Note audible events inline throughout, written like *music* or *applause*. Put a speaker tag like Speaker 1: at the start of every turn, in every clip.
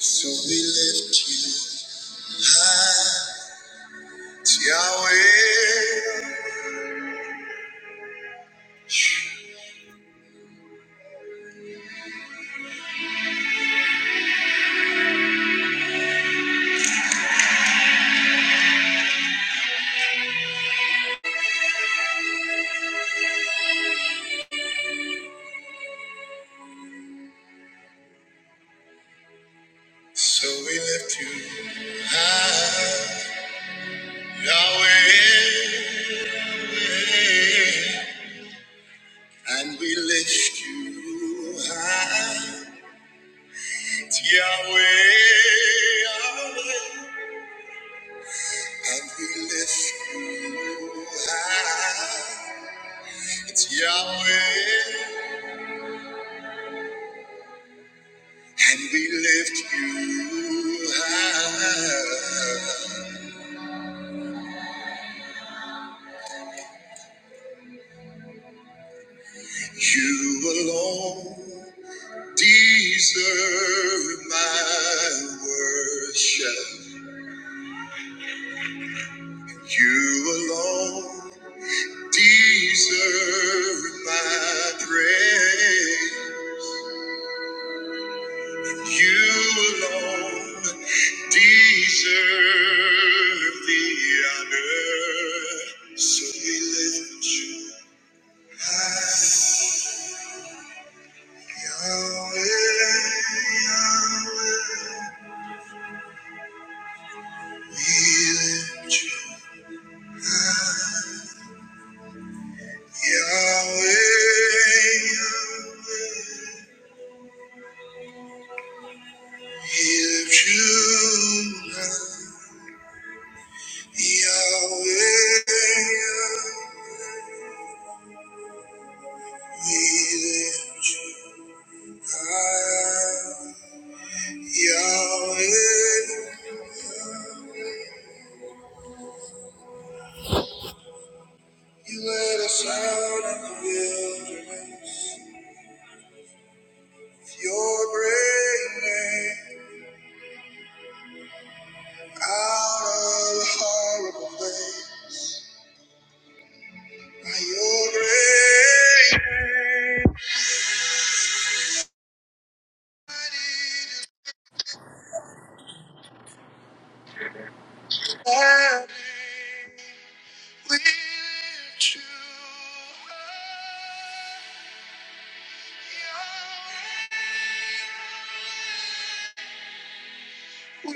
Speaker 1: So we lift you high, Yahweh. So we lift you high, Yahweh. And we lift you high, Yahweh. Yahweh. And we lift you high, Yahweh. And we lift you high. You alone deserve my worship. You alone deserve my praise. You alone deserve the honor. So we lift you high, Yahweh, Yahweh. We lift you you led us out in the wilderness with Your great name out of a horrible place. Your grace and we lift you We lift you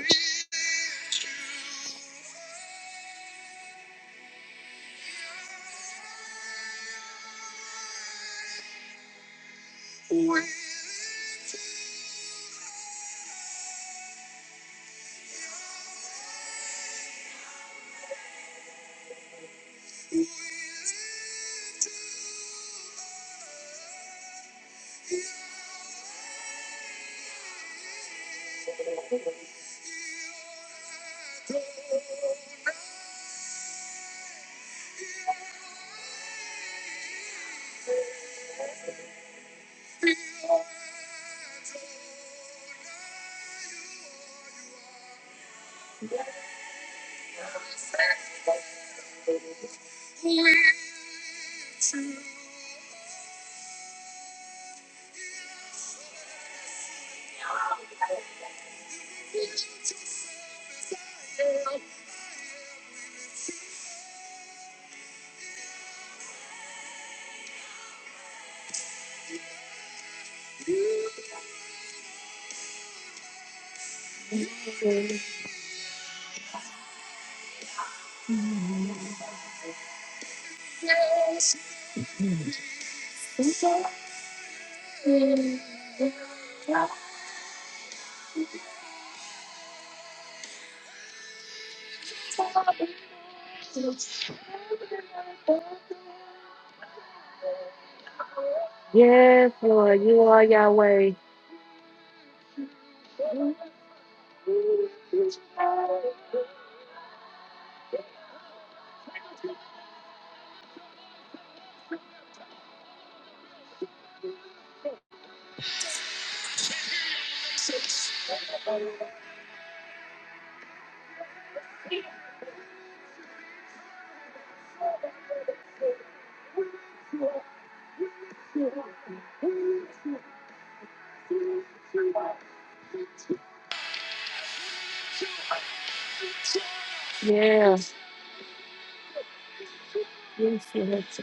Speaker 1: high. Yes, Lord, you are Yahweh. Yeah, yes, yes.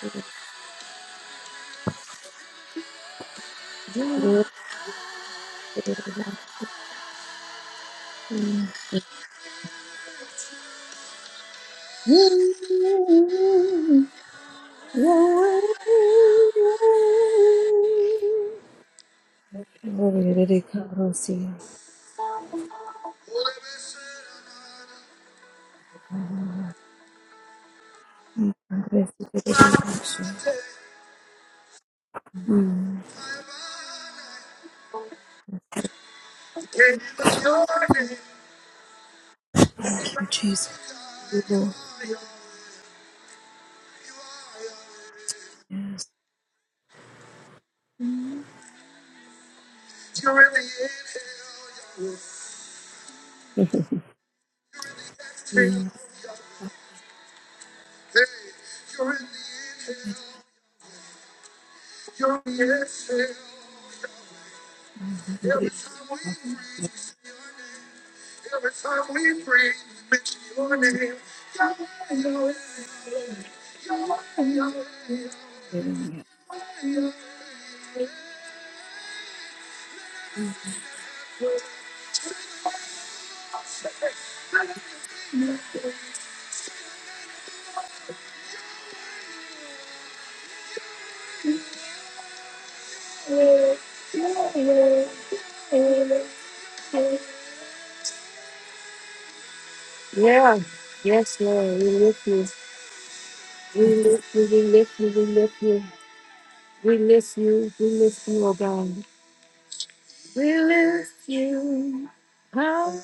Speaker 2: Mm.
Speaker 1: It's your name. You
Speaker 2: Thank
Speaker 1: are
Speaker 2: you,
Speaker 1: God.
Speaker 2: Jesus. You
Speaker 1: You are Yahweh. You are Yahweh.
Speaker 2: yes.
Speaker 1: You're really inhale, Yahweh.
Speaker 2: Yeah.
Speaker 1: You're really, you're really exhale. Every
Speaker 2: Hallelujah.
Speaker 1: time we, every time we breathe, it's your name. Yeah. Yes, Lord. We lift you. We lift you. We lift you. We lift you. We lift you. We lift you, oh God. We lift how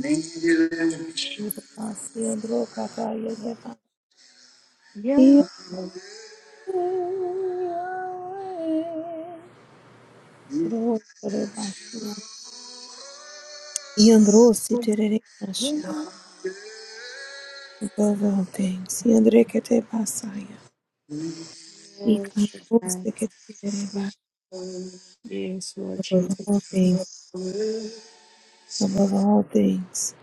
Speaker 1: Your name. Yeah.
Speaker 2: Yandro siterere above all things. Yandre basaya. Ikandro seketere
Speaker 1: Yes, Lord
Speaker 2: above all
Speaker 1: Jesus.
Speaker 2: things. Above all things.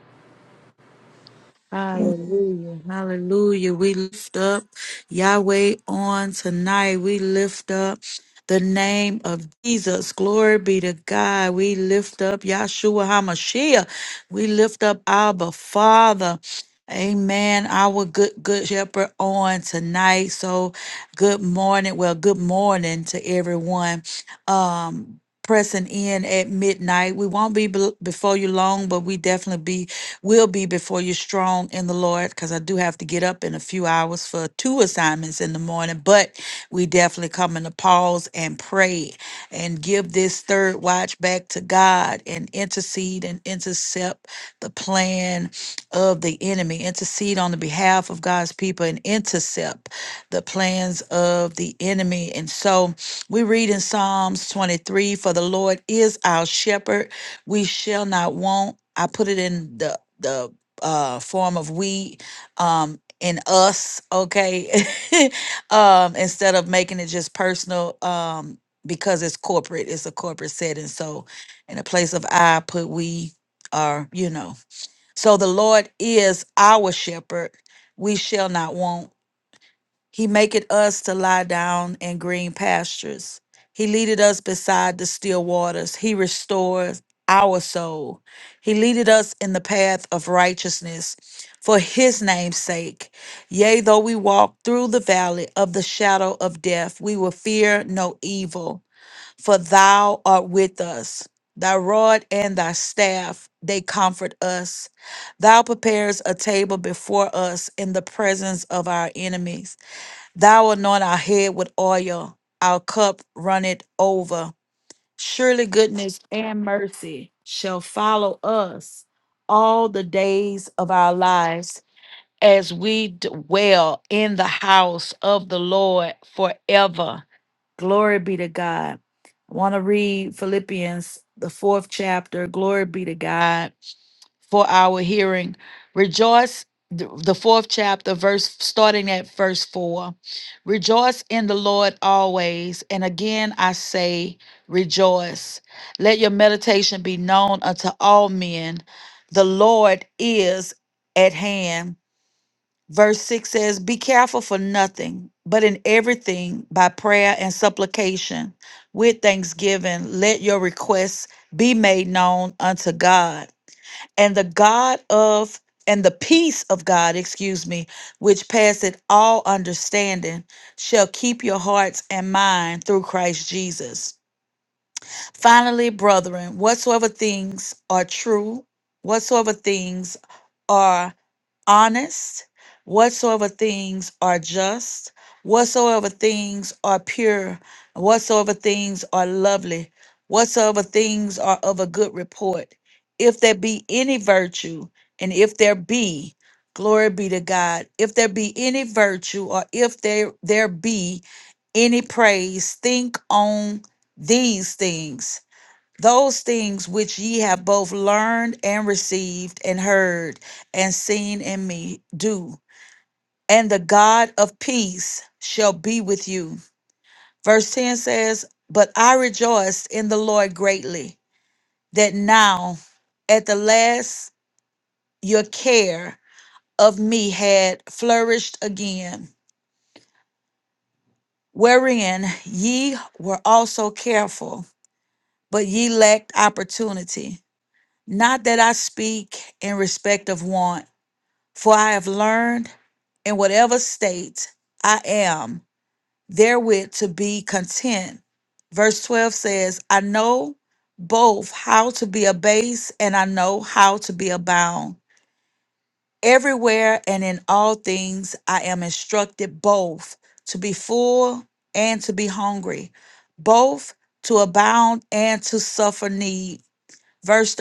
Speaker 1: Hallelujah. Hallelujah. We lift up Yahweh on tonight. We lift up the name of Jesus. Glory be to God. We lift up Yahshua HaMashiach. We lift up Abba Father. Amen. Our good, good shepherd on tonight. So good morning. Well, good morning to everyone. Um, pressing in at midnight. We won't be bel- before you long, but we definitely be will be before you strong in the Lord because I do have to get up in a few hours for two assignments in the morning. But we definitely come in to pause and pray and give this third watch back to God and intercede and intercept the plan of the enemy. Intercede on the behalf of God's people and intercept the plans of the enemy. And so we read in Psalms 23 For the Lord is our shepherd we shall not want. I put it in the the uh form of we um in us, okay? *laughs* um instead of making it just personal um because it's corporate, it's a corporate setting. So in a place of I put we or you know. So the Lord is our shepherd. We shall not want. He maketh us to lie down in green pastures. He leadeth us beside the still waters. He restores our soul. He leadeth us in the path of righteousness for his name's sake. Yea, though we walk through the valley of the shadow of death, we will fear no evil, for thou art with us. Thy rod and thy staff, they comfort us. Thou preparest a table before us in the presence of our enemies. Thou anoint our head with oil, our cup runneth over. Surely goodness and mercy shall follow us all the days of our lives as we dwell in the house of the Lord forever. Glory be to God. I want to read Philippians, the fourth chapter. Glory be to God for our hearing. Rejoice, th- the fourth chapter, verse starting at verse four. Rejoice in the Lord always. And again, I say, rejoice. Let your meditation be known unto all men. The Lord is at hand. Verse 6 says, Be careful for nothing, but in everything by prayer and supplication with thanksgiving, let your requests be made known unto God. And the God of, and the peace of God, excuse me, which passeth all understanding, shall keep your hearts and mind through Christ Jesus. Finally, brethren, whatsoever things are true, whatsoever things honest, whatsoever things are just, whatsoever things are pure, whatsoever things are lovely, whatsoever things are of a good report, if there be any virtue, and if there be, glory be to God, if there be any virtue, or if there there be any praise, think on these things those things which ye have both learned and received and heard and seen in me do and the god of peace shall be with you verse 10 says but i rejoiced in the lord greatly that now at the last your care of me had flourished again wherein ye were also careful but ye lacked opportunity not that i speak in respect of want For I have learned in whatever state I am therewith to be content. Verse 12 says, I know both how to be abased and I know how to be abound. Everywhere and in all things I am instructed both to be full and to be hungry, both to abound and to suffer need. Verse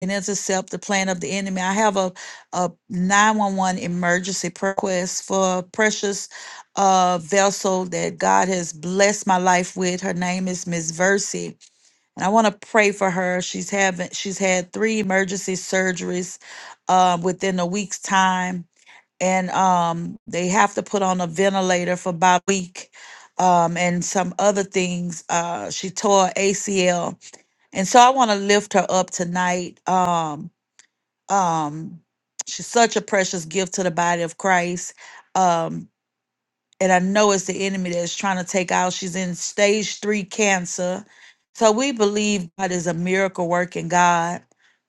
Speaker 1: and intercept the plan of the enemy. I have a, a 911 emergency prayer request for a precious uh, vessel that God has blessed my life with. Her name is Miss Versi, and I want to pray for her. She's having she's had three emergency surgeries uh, within a week's time, and um, they have to put on a ventilator for about a week. Um, and some other things. Uh, she tore ACL, and so I want to lift her up tonight. Um, um, she's such a precious gift to the body of Christ. Um, and I know it's the enemy that's trying to take out. She's in stage three cancer. So we believe God is a miracle working God.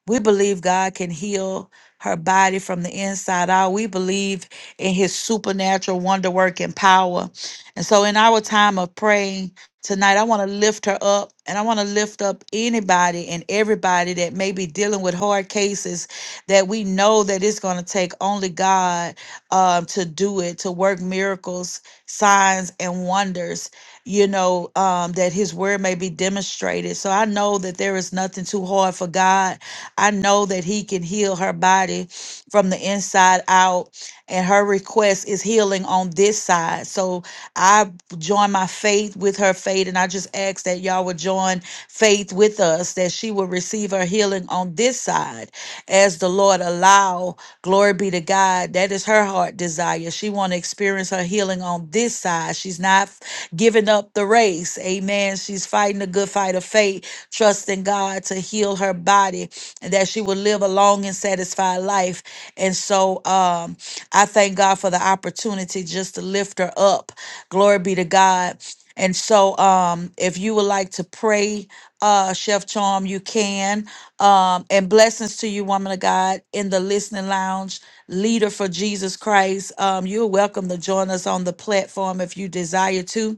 Speaker 1: We believe God can heal her body from the inside out. We believe in his supernatural wonder working power. And so in our time of praying tonight, I want to lift her up and I want to lift up anybody and everybody that may be dealing with hard cases that we know that it's going to take only God um, to do it, to work miracles signs and wonders, you know, um, that his word may be demonstrated. So I know that there is nothing too hard for God. I know that he can heal her body from the inside out, and her request is healing on this side. So I join my faith with her faith, and I just ask that y'all would join faith with us that she will receive her healing on this side as the Lord allow Glory be to God. That is her heart desire. She want to experience her healing on this side. She's not f- giving up the race. Amen. She's fighting the good fight of faith, trusting God to heal her body and that she will live a long and satisfied life. And so um I thank God for the opportunity just to lift her up. Glory be to God. And so um if you would like to pray uh, Chef Charm, you can. Um, and blessings to you, woman of God, in the listening lounge, leader for Jesus Christ. Um, you're welcome to join us on the platform if you desire to.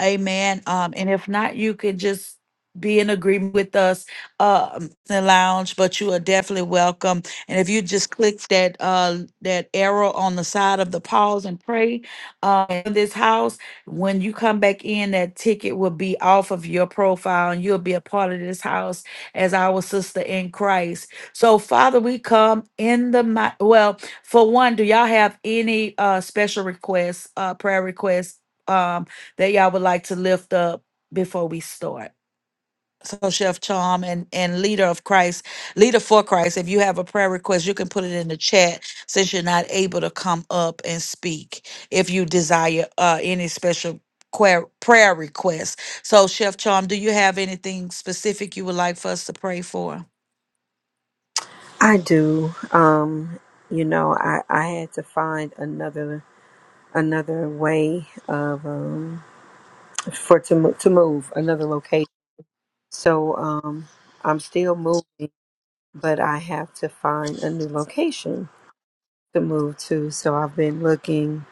Speaker 1: Amen. Um, and if not, you can just be in agreement with us um the lounge but you are definitely welcome and if you just click that uh that arrow on the side of the pause and pray uh in this house when you come back in, that ticket will be off of your profile and you'll be a part of this house as our sister in Christ. So, Father, we come in the mi- well, for one, do y'all have any uh special requests, uh prayer requests um that y'all would like to lift up before we start? so Chef Charm and and leader of Christ, leader for Christ. If you have a prayer request, you can put it in the chat since you're not able to come up and speak. If you desire uh, any special que- prayer request, so Chef Charm, do you have anything specific you would like for us to pray for?
Speaker 2: I do. Um, you know, I, I had to find another another way of um for to mo- to move another location. So um, I'm still moving. but I have to find a new location to move to. So I've been looking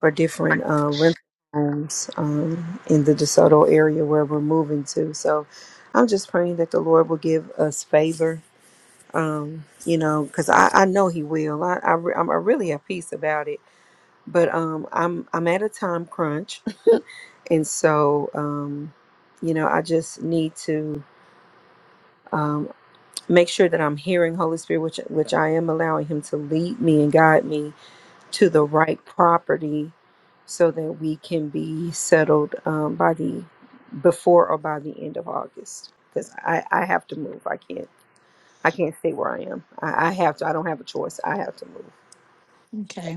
Speaker 2: for different uh, rental homes um, in the DeSoto area where we're moving to. So I'm just praying that the Lord will give us favor, um, you know, because I, I know He will. I, I, re- I'm I really at peace about it. But um, I'm I'm at a time crunch, *laughs* and so um, you know I just need to. um, make sure that I'm hearing Holy Spirit, which which I am allowing Him to lead me and guide me to the right property, so that we can be settled um, by the before or by the end of August. Because I I have to move. I can't I can't stay where I am. I, I have to. I don't have a choice. I have to
Speaker 1: Okay.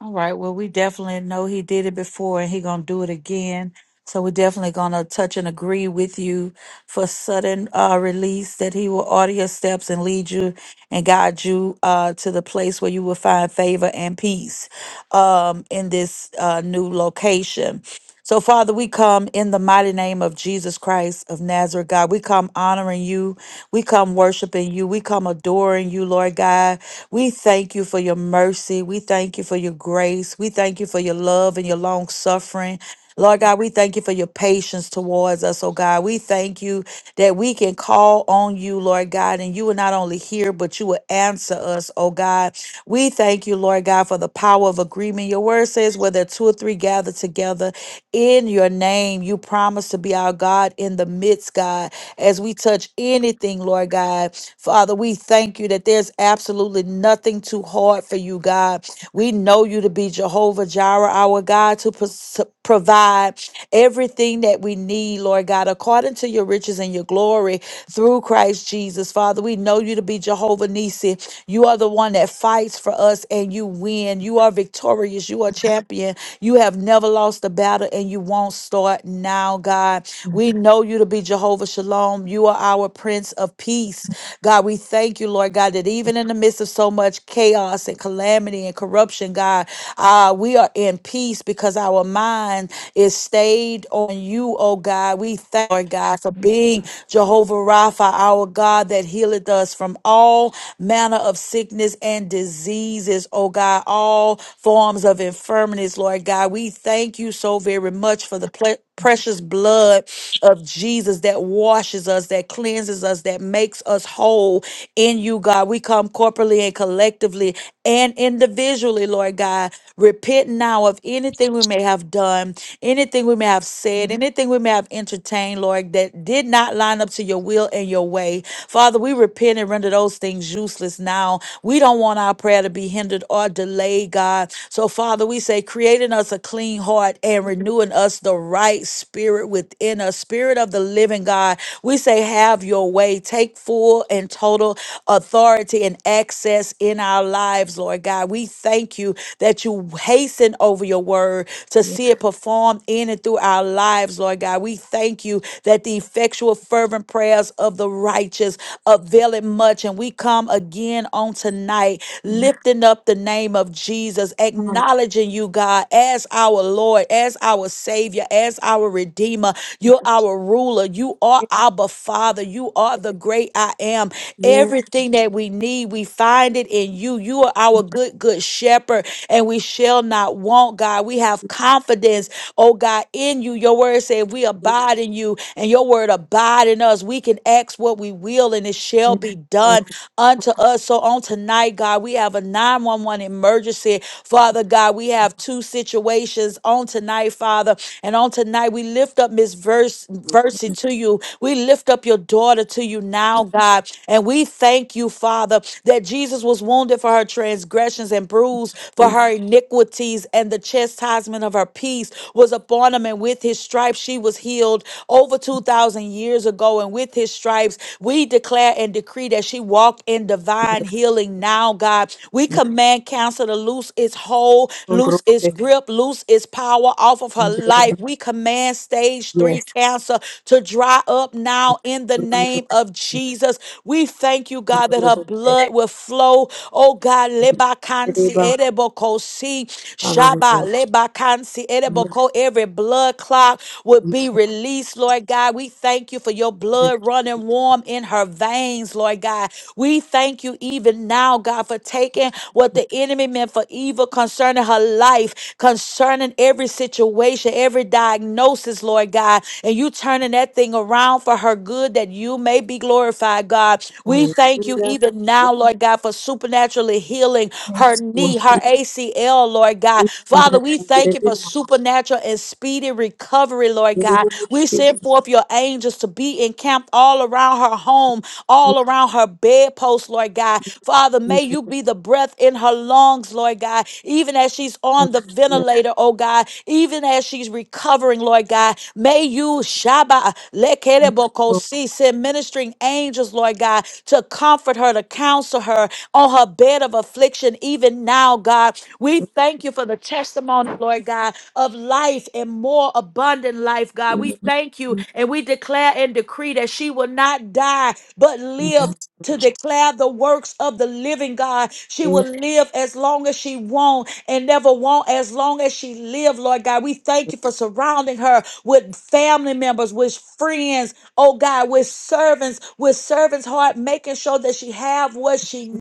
Speaker 1: All right. Well, we definitely know he did it before and he going to do it again. So we're definitely going to touch and agree with you for sudden uh, release that he will order your steps and lead you and guide you uh, to the place where you will find favor and peace um, in this uh, new location. So, Father, we come in the mighty name of Jesus Christ of Nazareth, God. We come honoring you we come worshiping you. We come adoring you, Lord God. We thank you for your mercy. We thank you for your grace. We thank you for your love and your long suffering. Lord God, we thank you for your patience towards us, oh God. We thank you that we can call on you, Lord God, and you will not only hear, but you will answer us, oh God. We thank you, Lord God, for the power of agreement. Your word says, where there are two or three gather together in your name, you promise to be our God in the midst, God as we touch anything, Lord God. Father, we thank you that there's absolutely nothing too hard for you, God. We know you to be Jehovah Jireh, our God, to pos- provide everything that we need, Lord God, according to your riches and your glory through Christ Jesus. Father, we know you to be Jehovah Nisi. You are the one that fights for us and you win. You are victorious. You are champion. You have never lost a battle and you won't start now, God. We know you to be Jehovah Shalom. You are our Prince of Peace. God, we thank you, Lord God, that even in the midst of so much chaos and calamity and corruption, God, uh, we are in peace because our mind is stayed on you, oh God. We thank you, Lord God, for being Jehovah Rapha, our God that healeth us from all all manner of sickness and diseases, oh God, all forms of infirmities, Lord God. We thank you so very much for the ple- precious blood of Jesus that washes us, that cleanses us, that makes us whole in you, God. We come corporately and collectively and individually, Lord God. Repent now of anything we may have done, anything we may have said, anything we may have entertained, Lord, that did not line up to your will and your way. Father, we repent repent and render those things useless now. We don't want our prayer to be hindered or delayed, God. So, Father, we say, creating us a clean heart and renewing us the right spirit within us, spirit of the living God. We say, have your way. Take full and total authority and access in our lives, Lord God. We thank you that you hasten over your word to see it performed in and through our lives, Lord God. We thank you that the effectual, fervent prayers of the righteous riches availing much. And we come again on tonight,
Speaker 2: move.
Speaker 1: lifting up the name of Jesus,
Speaker 2: Yes,
Speaker 1: acknowledging you, God, as our Lord, as our Savior, as our Redeemer. You're our ruler. You are our Father. You are the great I am.
Speaker 2: yes,
Speaker 1: Everything that we need, we find it in you. You are our good, good shepherd, and we shall not want, God. We have confidence, oh God, in you. Your word said, if We
Speaker 2: yes,
Speaker 1: abide in you, and your word abide in us. We can and ask what we will, and it shall be
Speaker 2: Lord,
Speaker 1: done unto us. So on tonight, God, we have a 911 emergency. Father God, we have two situations on tonight, Father. And on tonight, we lift up Miss Verse Versi to you. We lift up your daughter to you now, God. And we thank you, Father, that Jesus was wounded for her transgressions and bruised for
Speaker 2: yes,
Speaker 1: her iniquities, and the chastisement of her peace was upon him, and with his stripes she was healed. Over 2,000 years years ago, and with his stripes, we declare and decree that she walked in
Speaker 2: yes,
Speaker 1: divine healing now, God. We
Speaker 2: yes,
Speaker 1: command cancer to loose its hold, loose
Speaker 2: Lord,
Speaker 1: its
Speaker 2: yes,
Speaker 1: grip, loose its power off of her
Speaker 2: Lord.
Speaker 1: life. We command stage three
Speaker 2: yes,
Speaker 1: cancer to dry up now in the name of Jesus. We thank you, God, that her
Speaker 2: Lord, yes,
Speaker 1: blood will flow. Oh God, lebakansi
Speaker 2: Lord.
Speaker 1: edeboko si shaba
Speaker 2: Hallelujah.
Speaker 1: lebakansi
Speaker 2: Yes,
Speaker 1: edeboko. Every blood clot would be released, Lord God. God. We thank you for your
Speaker 2: yes,
Speaker 1: blood running warm in her veins, Lord God. We thank you even now, God, for taking what
Speaker 2: Lord,
Speaker 1: the enemy meant for evil concerning her life, concerning every situation, every diagnosis, Lord God, and you turning that thing around for her good that you may be glorified, God.
Speaker 2: hallelujah. Yes, Lord, yes, Yes, yes, Lord, yes, Lord, yes, Lord. Yes, Lord, God, yes,
Speaker 1: We
Speaker 2: Lord,
Speaker 1: thank
Speaker 2: yes, yes,
Speaker 1: you
Speaker 2: yes,
Speaker 1: even now, Lord God, for supernaturally healing her knee, her ACL, Lord God. Father, we thank you for supernatural and speedy recovery, Lord God. We send forth your angels to be encamped all around her home, all around her bedpost, Lord God. Father, may you be the breath in her lungs, Lord God, even as she's on the ventilator, oh God, even as she's recovering, Lord God. May you, Shaba, Lekerebokosi, send ministering angels, Lord God, to comfort her, to counsel her, on her bed of affliction, even now, God. We thank you for the testimony, Lord God, of life and more abundant life, God. We thank you and we declare and decree that she will not die but live to declare the works of the living God. She will live as long as she won't and never won't as long as she live, Lord God. We thank you for surrounding her with family members, with friends, oh God, with servants, with servants' heart, making sure that she have what she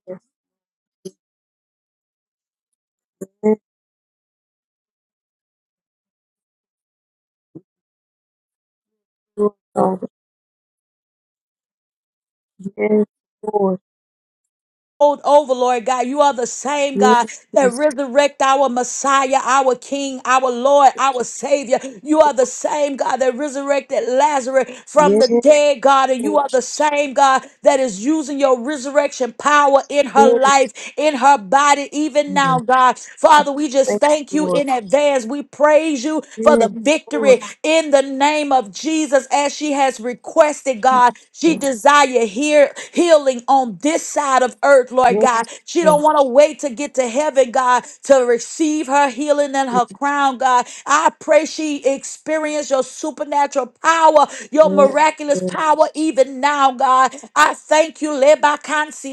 Speaker 1: rolled over, Lord God. You are the same God that
Speaker 2: yes,
Speaker 1: resurrect our Messiah, our King, our Lord, our Savior. You are the same God that resurrected Lazarus from the dead, God. And you are the same God that is using your resurrection power in her life in her body, even now,
Speaker 2: Lord.
Speaker 1: God. Father, we just
Speaker 2: Thank
Speaker 1: thank
Speaker 2: you,
Speaker 1: you
Speaker 2: Lord.
Speaker 1: in advance. We praise you for the
Speaker 2: Yes, Lord.
Speaker 1: victory in the name of Jesus as she has requested, God. She
Speaker 2: Hallelujah.
Speaker 1: desire hear, healing on this side of earth, Lord
Speaker 2: Yes,
Speaker 1: God. She don't
Speaker 2: Lord.
Speaker 1: want to wait to get to heaven, God, to receive her healing and her crown, God. I pray she experience your supernatural power, your
Speaker 2: Yes,
Speaker 1: miraculous
Speaker 2: Lord.
Speaker 1: power even now, God. I thank you,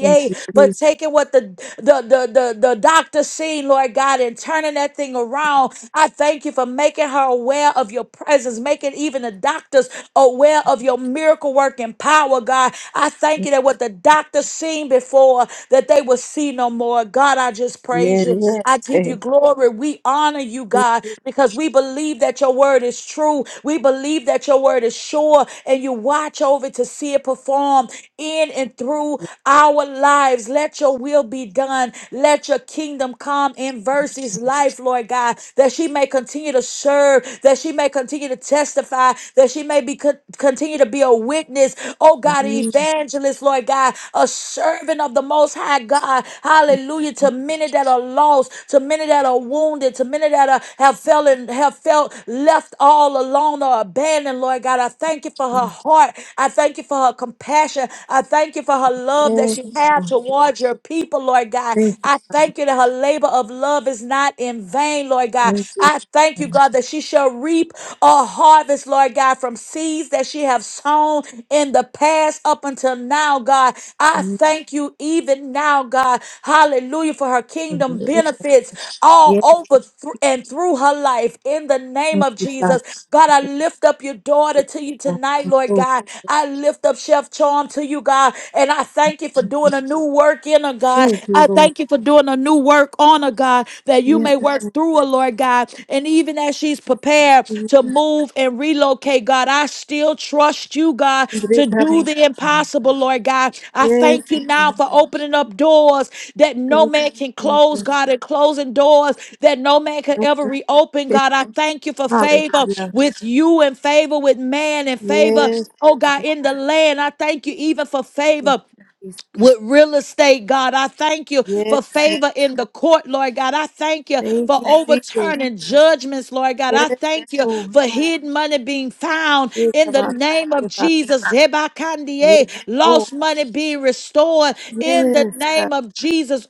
Speaker 2: Thank you,
Speaker 1: but
Speaker 2: Jesus.
Speaker 1: taking what the the the the, the doctor seen, Lord God, and turning that thing around. I thank you for making her aware of your presence, making even the doctors aware of your miracle working power, God. I thank you that what the doctor seen before, that they will see no more. God, I just praise you.
Speaker 2: Yes,
Speaker 1: I give you
Speaker 2: thank
Speaker 1: glory. We honor you,
Speaker 2: you,
Speaker 1: God,
Speaker 2: Jesus.
Speaker 1: because we believe that your word is true. We believe that your word is sure, and you watch over to see it performed in and through our lives. Let your will be done. Let your kingdom come in Versy's life, Lord God, that she may continue to serve, that she may continue to testify, that she may be con- continue to be a witness, oh God, an evangelist, Lord God, a servant of the Most High God. Hallelujah. To many that are lost, to many that are wounded, to many that are, have felt and have felt left all alone or abandoned, Lord God. I thank you for her heart. I thank you for her compassion. I thank you for her love that
Speaker 2: Yes,
Speaker 1: she has
Speaker 2: Lord.
Speaker 1: towards your people, Lord God.
Speaker 2: Thank you,
Speaker 1: I thank you that her labor of love is not in vain, Lord God.
Speaker 2: thank you.
Speaker 1: I thank you, God, that she shall reap a harvest, Lord God, from seeds that she have sown in the past up until now, God. I
Speaker 2: Yes,
Speaker 1: thank you even now, God. Hallelujah for her kingdom
Speaker 2: Lord.
Speaker 1: benefits all
Speaker 2: Yes,
Speaker 1: over thr- and through her life in the name
Speaker 2: thank
Speaker 1: of
Speaker 2: you, Father.
Speaker 1: Jesus. God, I lift up your daughter to you tonight, Lord
Speaker 2: Lord.
Speaker 1: God. I lift up Chef Charm to you, God, and I thank you for doing a new work in her, God.
Speaker 2: Thank you,
Speaker 1: I
Speaker 2: Lord.
Speaker 1: thank you for doing doing a new work on her, God, that you
Speaker 2: Yes,
Speaker 1: may work through her, Lord God. And even as she's prepared
Speaker 2: Lord.
Speaker 1: to move and relocate, God, I still trust you, God, to
Speaker 2: Great
Speaker 1: do
Speaker 2: heaven.
Speaker 1: the impossible, Lord God. I
Speaker 2: Yes,
Speaker 1: thank you now
Speaker 2: Lord.
Speaker 1: for opening up doors that no
Speaker 2: Thank
Speaker 1: man can
Speaker 2: you,
Speaker 1: close,
Speaker 2: Jesus.
Speaker 1: God, and closing doors that no man could
Speaker 2: No
Speaker 1: ever
Speaker 2: more
Speaker 1: reopen,
Speaker 2: pain.
Speaker 1: God. I thank you for favor
Speaker 2: Hallelujah.
Speaker 1: with you and favor with man and favor,
Speaker 2: Yes,
Speaker 1: oh God,
Speaker 2: Father.
Speaker 1: in the land. I thank you even for
Speaker 2: Thank you,
Speaker 1: favor
Speaker 2: Jesus.
Speaker 1: with real estate, God. I thank you
Speaker 2: Yes,
Speaker 1: for
Speaker 2: Lord.
Speaker 1: favor in the court, Lord God. I thank you
Speaker 2: Thank
Speaker 1: for
Speaker 2: you, Jesus.
Speaker 1: overturning judgments, Lord God. I
Speaker 2: Yes,
Speaker 1: thank you
Speaker 2: Lord.
Speaker 1: for hidden money being found
Speaker 2: Yes,
Speaker 1: in the
Speaker 2: about
Speaker 1: name of
Speaker 2: it, about it.
Speaker 1: Jesus.
Speaker 2: Yes,
Speaker 1: Hebakandie,
Speaker 2: Lord.
Speaker 1: Lost money being restored in the
Speaker 2: Yes,
Speaker 1: name
Speaker 2: God.
Speaker 1: of Jesus.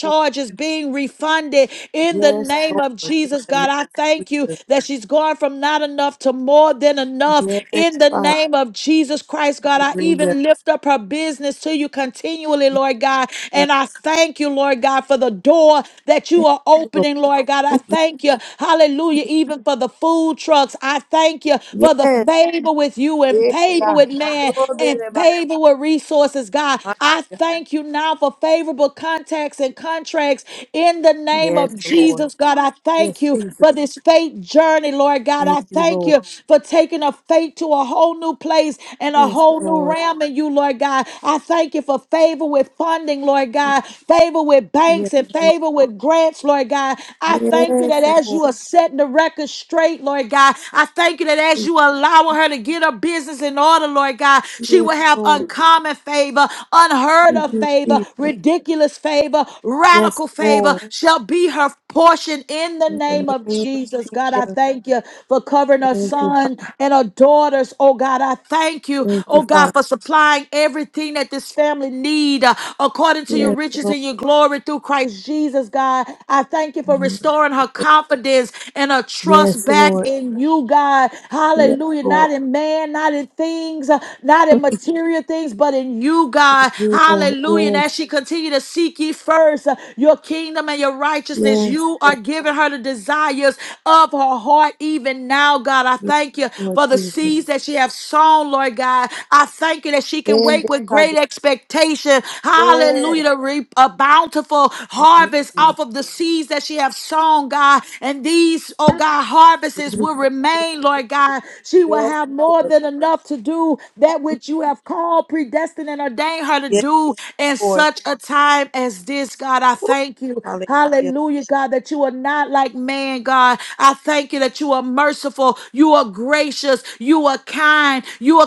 Speaker 2: you-
Speaker 1: being refunded in the
Speaker 2: Yes,
Speaker 1: name
Speaker 2: Lord.
Speaker 1: of Jesus,
Speaker 2: In the name
Speaker 1: God. I
Speaker 2: of
Speaker 1: thank you
Speaker 2: Jesus.
Speaker 1: that she's going from not enough to more than enough
Speaker 2: Yes,
Speaker 1: in the
Speaker 2: Father.
Speaker 1: name of Jesus Christ, God. I
Speaker 2: Hallelujah.
Speaker 1: even lift up her business to you continually, Lord God.
Speaker 2: Yes,
Speaker 1: And I thank you, Lord God, for the door that you
Speaker 2: Thank
Speaker 1: are
Speaker 2: you, Lord.
Speaker 1: opening, Lord God. I
Speaker 2: *laughs*
Speaker 1: thank you, hallelujah, even for the food trucks. I thank you for the
Speaker 2: Yes.
Speaker 1: favor with you and
Speaker 2: Yes,
Speaker 1: favor
Speaker 2: God.
Speaker 1: with
Speaker 2: Don't
Speaker 1: man
Speaker 2: throw this
Speaker 1: and
Speaker 2: about
Speaker 1: favor with resources, God.
Speaker 2: my
Speaker 1: I
Speaker 2: God.
Speaker 1: thank you now for favorable contacts and contracts in the name
Speaker 2: Yes,
Speaker 1: of
Speaker 2: Lord.
Speaker 1: Jesus, God. I thank
Speaker 2: Yes,
Speaker 1: you
Speaker 2: Jesus.
Speaker 1: for this faith journey, Lord God.
Speaker 2: Thank
Speaker 1: I
Speaker 2: you,
Speaker 1: thank
Speaker 2: Lord.
Speaker 1: you for taking a faith to a whole new place and a
Speaker 2: Yes,
Speaker 1: whole new
Speaker 2: Lord.
Speaker 1: realm in you, Lord God. I thank you for of favor with funding, Lord God, favor with
Speaker 2: Yes,
Speaker 1: banks and
Speaker 2: Lord.
Speaker 1: favor with grants, Lord God. I thank you
Speaker 2: Yes,
Speaker 1: that as you
Speaker 2: Lord.
Speaker 1: are setting the record straight, Lord God, I thank you that as you are allowing her to get her business in order, Lord God, she
Speaker 2: Yes,
Speaker 1: will have
Speaker 2: Lord.
Speaker 1: uncommon favor, unheard
Speaker 2: Thank
Speaker 1: of
Speaker 2: you,
Speaker 1: favor,
Speaker 2: Jesus.
Speaker 1: ridiculous favor,
Speaker 2: Yes,
Speaker 1: radical favor
Speaker 2: Lord.
Speaker 1: shall be her portion in the
Speaker 2: In
Speaker 1: name
Speaker 2: the
Speaker 1: of
Speaker 2: name of
Speaker 1: Jesus. God,
Speaker 2: Jesus.
Speaker 1: I thank you for covering our
Speaker 2: Thank you, Father.
Speaker 1: son and our daughters. Oh God, I thank you.
Speaker 2: Thank you,
Speaker 1: Oh God,
Speaker 2: Father.
Speaker 1: for supplying everything that this family need uh, according to your
Speaker 2: Yes,
Speaker 1: riches
Speaker 2: Lord.
Speaker 1: and your glory through Christ Jesus, God. I thank you for restoring her confidence and her
Speaker 2: Yes,
Speaker 1: trust back
Speaker 2: Lord.
Speaker 1: in you, God.
Speaker 2: Yes,
Speaker 1: Hallelujah. Not
Speaker 2: Lord.
Speaker 1: in man, not in things, uh, not in material things, but in you, God.
Speaker 2: You, Lord.
Speaker 1: Hallelujah. And
Speaker 2: Yes,
Speaker 1: as she continue to seek ye first. uh, your kingdom and your righteousness.
Speaker 2: yes,
Speaker 1: You are
Speaker 2: Lord.
Speaker 1: giving her the desires of her heart even now, God. I
Speaker 2: Yes,
Speaker 1: thank you
Speaker 2: Lord
Speaker 1: for the
Speaker 2: Jesus.
Speaker 1: seeds that she has sown, Lord God. I thank you that she can
Speaker 2: And
Speaker 1: wait
Speaker 2: the
Speaker 1: with great
Speaker 2: Father.
Speaker 1: expectation. Hallelujah.
Speaker 2: Yes.
Speaker 1: To reap a bountiful harvest
Speaker 2: Mhm.
Speaker 1: off of the seeds that she has sown, God. And these, oh God, harvests will remain, Lord God. She will
Speaker 2: Yes,
Speaker 1: have more
Speaker 2: Lord.
Speaker 1: than enough to do that which you have called, predestined, and ordained her to
Speaker 2: Yes,
Speaker 1: do in such
Speaker 2: Lord.
Speaker 1: such a time as this, God. I
Speaker 2: Woo.
Speaker 1: thank you.
Speaker 2: Hallelujah.
Speaker 1: Hallelujah, God, that you are not like man, God. I thank you that you are merciful, you are gracious, you are kind, you are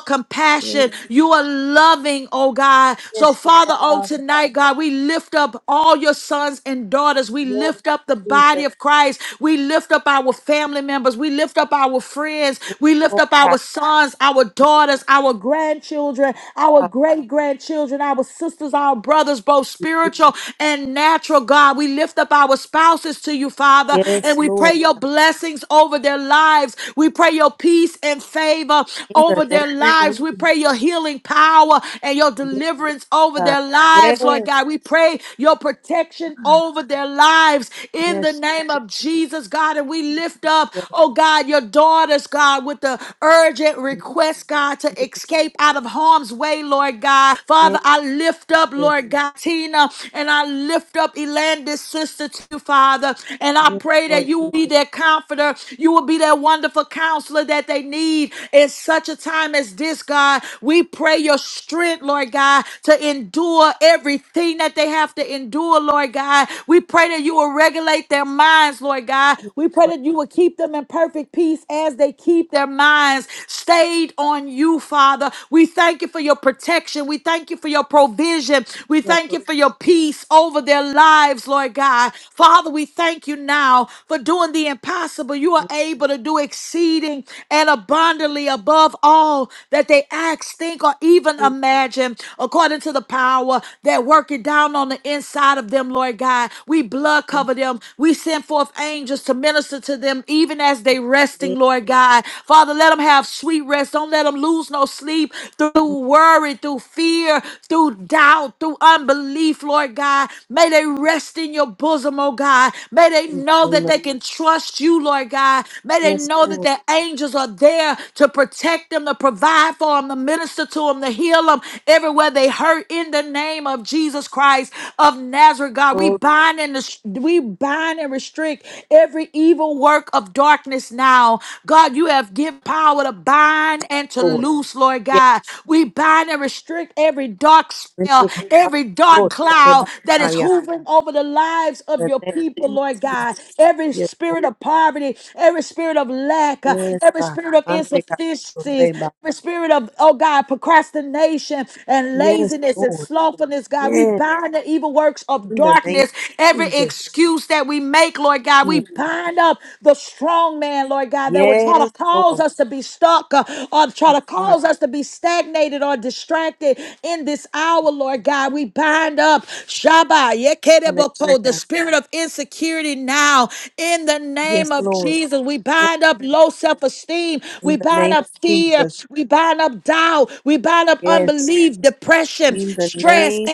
Speaker 2: Yes,
Speaker 1: compassionate, you are loving, oh God. So,
Speaker 2: yes, you are,
Speaker 1: Father, on
Speaker 2: Father.
Speaker 1: tonight, God, we lift up all your sons and daughters. We
Speaker 2: Yes,
Speaker 1: lift up the body
Speaker 2: Jesus.
Speaker 1: of Christ. We lift up our family members. We lift up our friends.
Speaker 2: Yes,
Speaker 1: We lift
Speaker 2: Lord
Speaker 1: up
Speaker 2: God.
Speaker 1: our sons, our
Speaker 2: Thank
Speaker 1: daughters, our grandchildren, our
Speaker 2: Father.
Speaker 1: great grandchildren grandchildren, our sisters, our brothers, both
Speaker 2: Thank
Speaker 1: spiritual
Speaker 2: Jesus.
Speaker 1: and natural, God. We lift up our spouses to you, Father, and
Speaker 2: Yes,
Speaker 1: we pray
Speaker 2: Lord
Speaker 1: your
Speaker 2: God.
Speaker 1: blessings over their lives. We pray your peace and favor
Speaker 2: In the
Speaker 1: over their
Speaker 2: name of
Speaker 1: lives. We
Speaker 2: Jesus.
Speaker 1: pray your healing power and your
Speaker 2: Yes,
Speaker 1: deliverance over
Speaker 2: God.
Speaker 1: their lives, Lord
Speaker 2: Yes,
Speaker 1: God. We pray your protection
Speaker 2: God.
Speaker 1: over their lives in the
Speaker 2: Yes,
Speaker 1: name
Speaker 2: Jesus.
Speaker 1: of Jesus, God. And we lift up,
Speaker 2: Yes.
Speaker 1: oh God, your daughters, God, with the urgent request, God,
Speaker 2: Yes,
Speaker 1: to escape escape out of harm's way, Lord God. Father,
Speaker 2: yes,
Speaker 1: I lift up,
Speaker 2: yes,
Speaker 1: Lord God, Tina, and I lift up Elandis' sister to you, Father. And I
Speaker 2: yes,
Speaker 1: pray that
Speaker 2: Lord
Speaker 1: you will
Speaker 2: Jesus,
Speaker 1: be their comforter. You will be their wonderful counselor that they need in such a time as this, God. We pray your strength, Lord God, to endure everything that they have to endure, Lord God. We pray that you will regulate their minds, Lord God.
Speaker 2: yes,
Speaker 1: We pray
Speaker 2: Lord,
Speaker 1: that you will keep them in perfect peace as they keep their minds stayed on you, Father. We thank you for your protection. We thank you for your provision. We
Speaker 2: yes,
Speaker 1: thank you
Speaker 2: Lord,
Speaker 1: for your peace over their lives, Lord God. Father, we thank you now for doing the impossible. You are
Speaker 2: we
Speaker 1: able to do exceeding and abundantly above all that they ask, think, or even
Speaker 2: see
Speaker 1: imagine, according to the power that working down on the inside of them, Lord God. We blood
Speaker 2: those
Speaker 1: cover them. We send forth angels to minister to them, even as they rest
Speaker 2: things
Speaker 1: resting, Lord God. Father, let them have sweet rest. Don't let them lose no sleep through worry, through fear, through doubt, through unbelief, Lord God. May they rest in your bosom, oh God. May they
Speaker 2: in the
Speaker 1: know
Speaker 2: name
Speaker 1: that
Speaker 2: of
Speaker 1: they can trust you, Lord God. May they
Speaker 2: yes,
Speaker 1: know that
Speaker 2: Lord,
Speaker 1: their angels are there to protect them, to provide for them, to minister to them, to heal them everywhere they hurt in the name of Jesus Christ of Nazareth, God. We
Speaker 2: Lord,
Speaker 1: bind and res- we bind and restrict every evil work of darkness now. God, you have given power to bind and to
Speaker 2: Lord,
Speaker 1: loose, Lord
Speaker 2: yes,
Speaker 1: God. We bind and restrict every dark
Speaker 2: we
Speaker 1: spell,
Speaker 2: thank you, God,
Speaker 1: every dark
Speaker 2: Lord, for the
Speaker 1: cloud that is
Speaker 2: Messiah,
Speaker 1: hovering over the lives of
Speaker 2: the
Speaker 1: your people,
Speaker 2: name of
Speaker 1: Lord
Speaker 2: Jesus,
Speaker 1: God. Every
Speaker 2: yes, Lord,
Speaker 1: spirit of poverty, every spirit of lack, uh,
Speaker 2: yes,
Speaker 1: every
Speaker 2: God,
Speaker 1: spirit of
Speaker 2: and we thank you,
Speaker 1: insufficiencies,
Speaker 2: Lord,
Speaker 1: every spirit of, oh God, procrastination and
Speaker 2: yes,
Speaker 1: laziness and
Speaker 2: Lord,
Speaker 1: slothfulness, God. We
Speaker 2: yes,
Speaker 1: bind the evil works of
Speaker 2: in the name
Speaker 1: darkness,
Speaker 2: of
Speaker 1: every
Speaker 2: Jesus,
Speaker 1: excuse moves that we make, Lord God.
Speaker 2: Hmm.
Speaker 1: We bind up the strong man, Lord God, that would try
Speaker 2: yes,
Speaker 1: to cause
Speaker 2: Lord,
Speaker 1: us to be stuck uh, or try
Speaker 2: yes,
Speaker 1: to
Speaker 2: God,
Speaker 1: cause us to be stagnated or distracted in this hour, Lord God. We bind up Shabbat, Yekedeboko, the
Speaker 2: hallelujah,
Speaker 1: spirit of insecurity now in the name
Speaker 2: yes,
Speaker 1: of
Speaker 2: Lord,
Speaker 1: Jesus. We
Speaker 2: yes,
Speaker 1: bind up
Speaker 2: Lord,
Speaker 1: low self esteem. We
Speaker 2: in the
Speaker 1: bind
Speaker 2: name
Speaker 1: up
Speaker 2: of
Speaker 1: fear.
Speaker 2: Jesus,
Speaker 1: We bind up doubt. We bind up
Speaker 2: yes,
Speaker 1: unbelief, depression,
Speaker 2: In the
Speaker 1: stress,
Speaker 2: name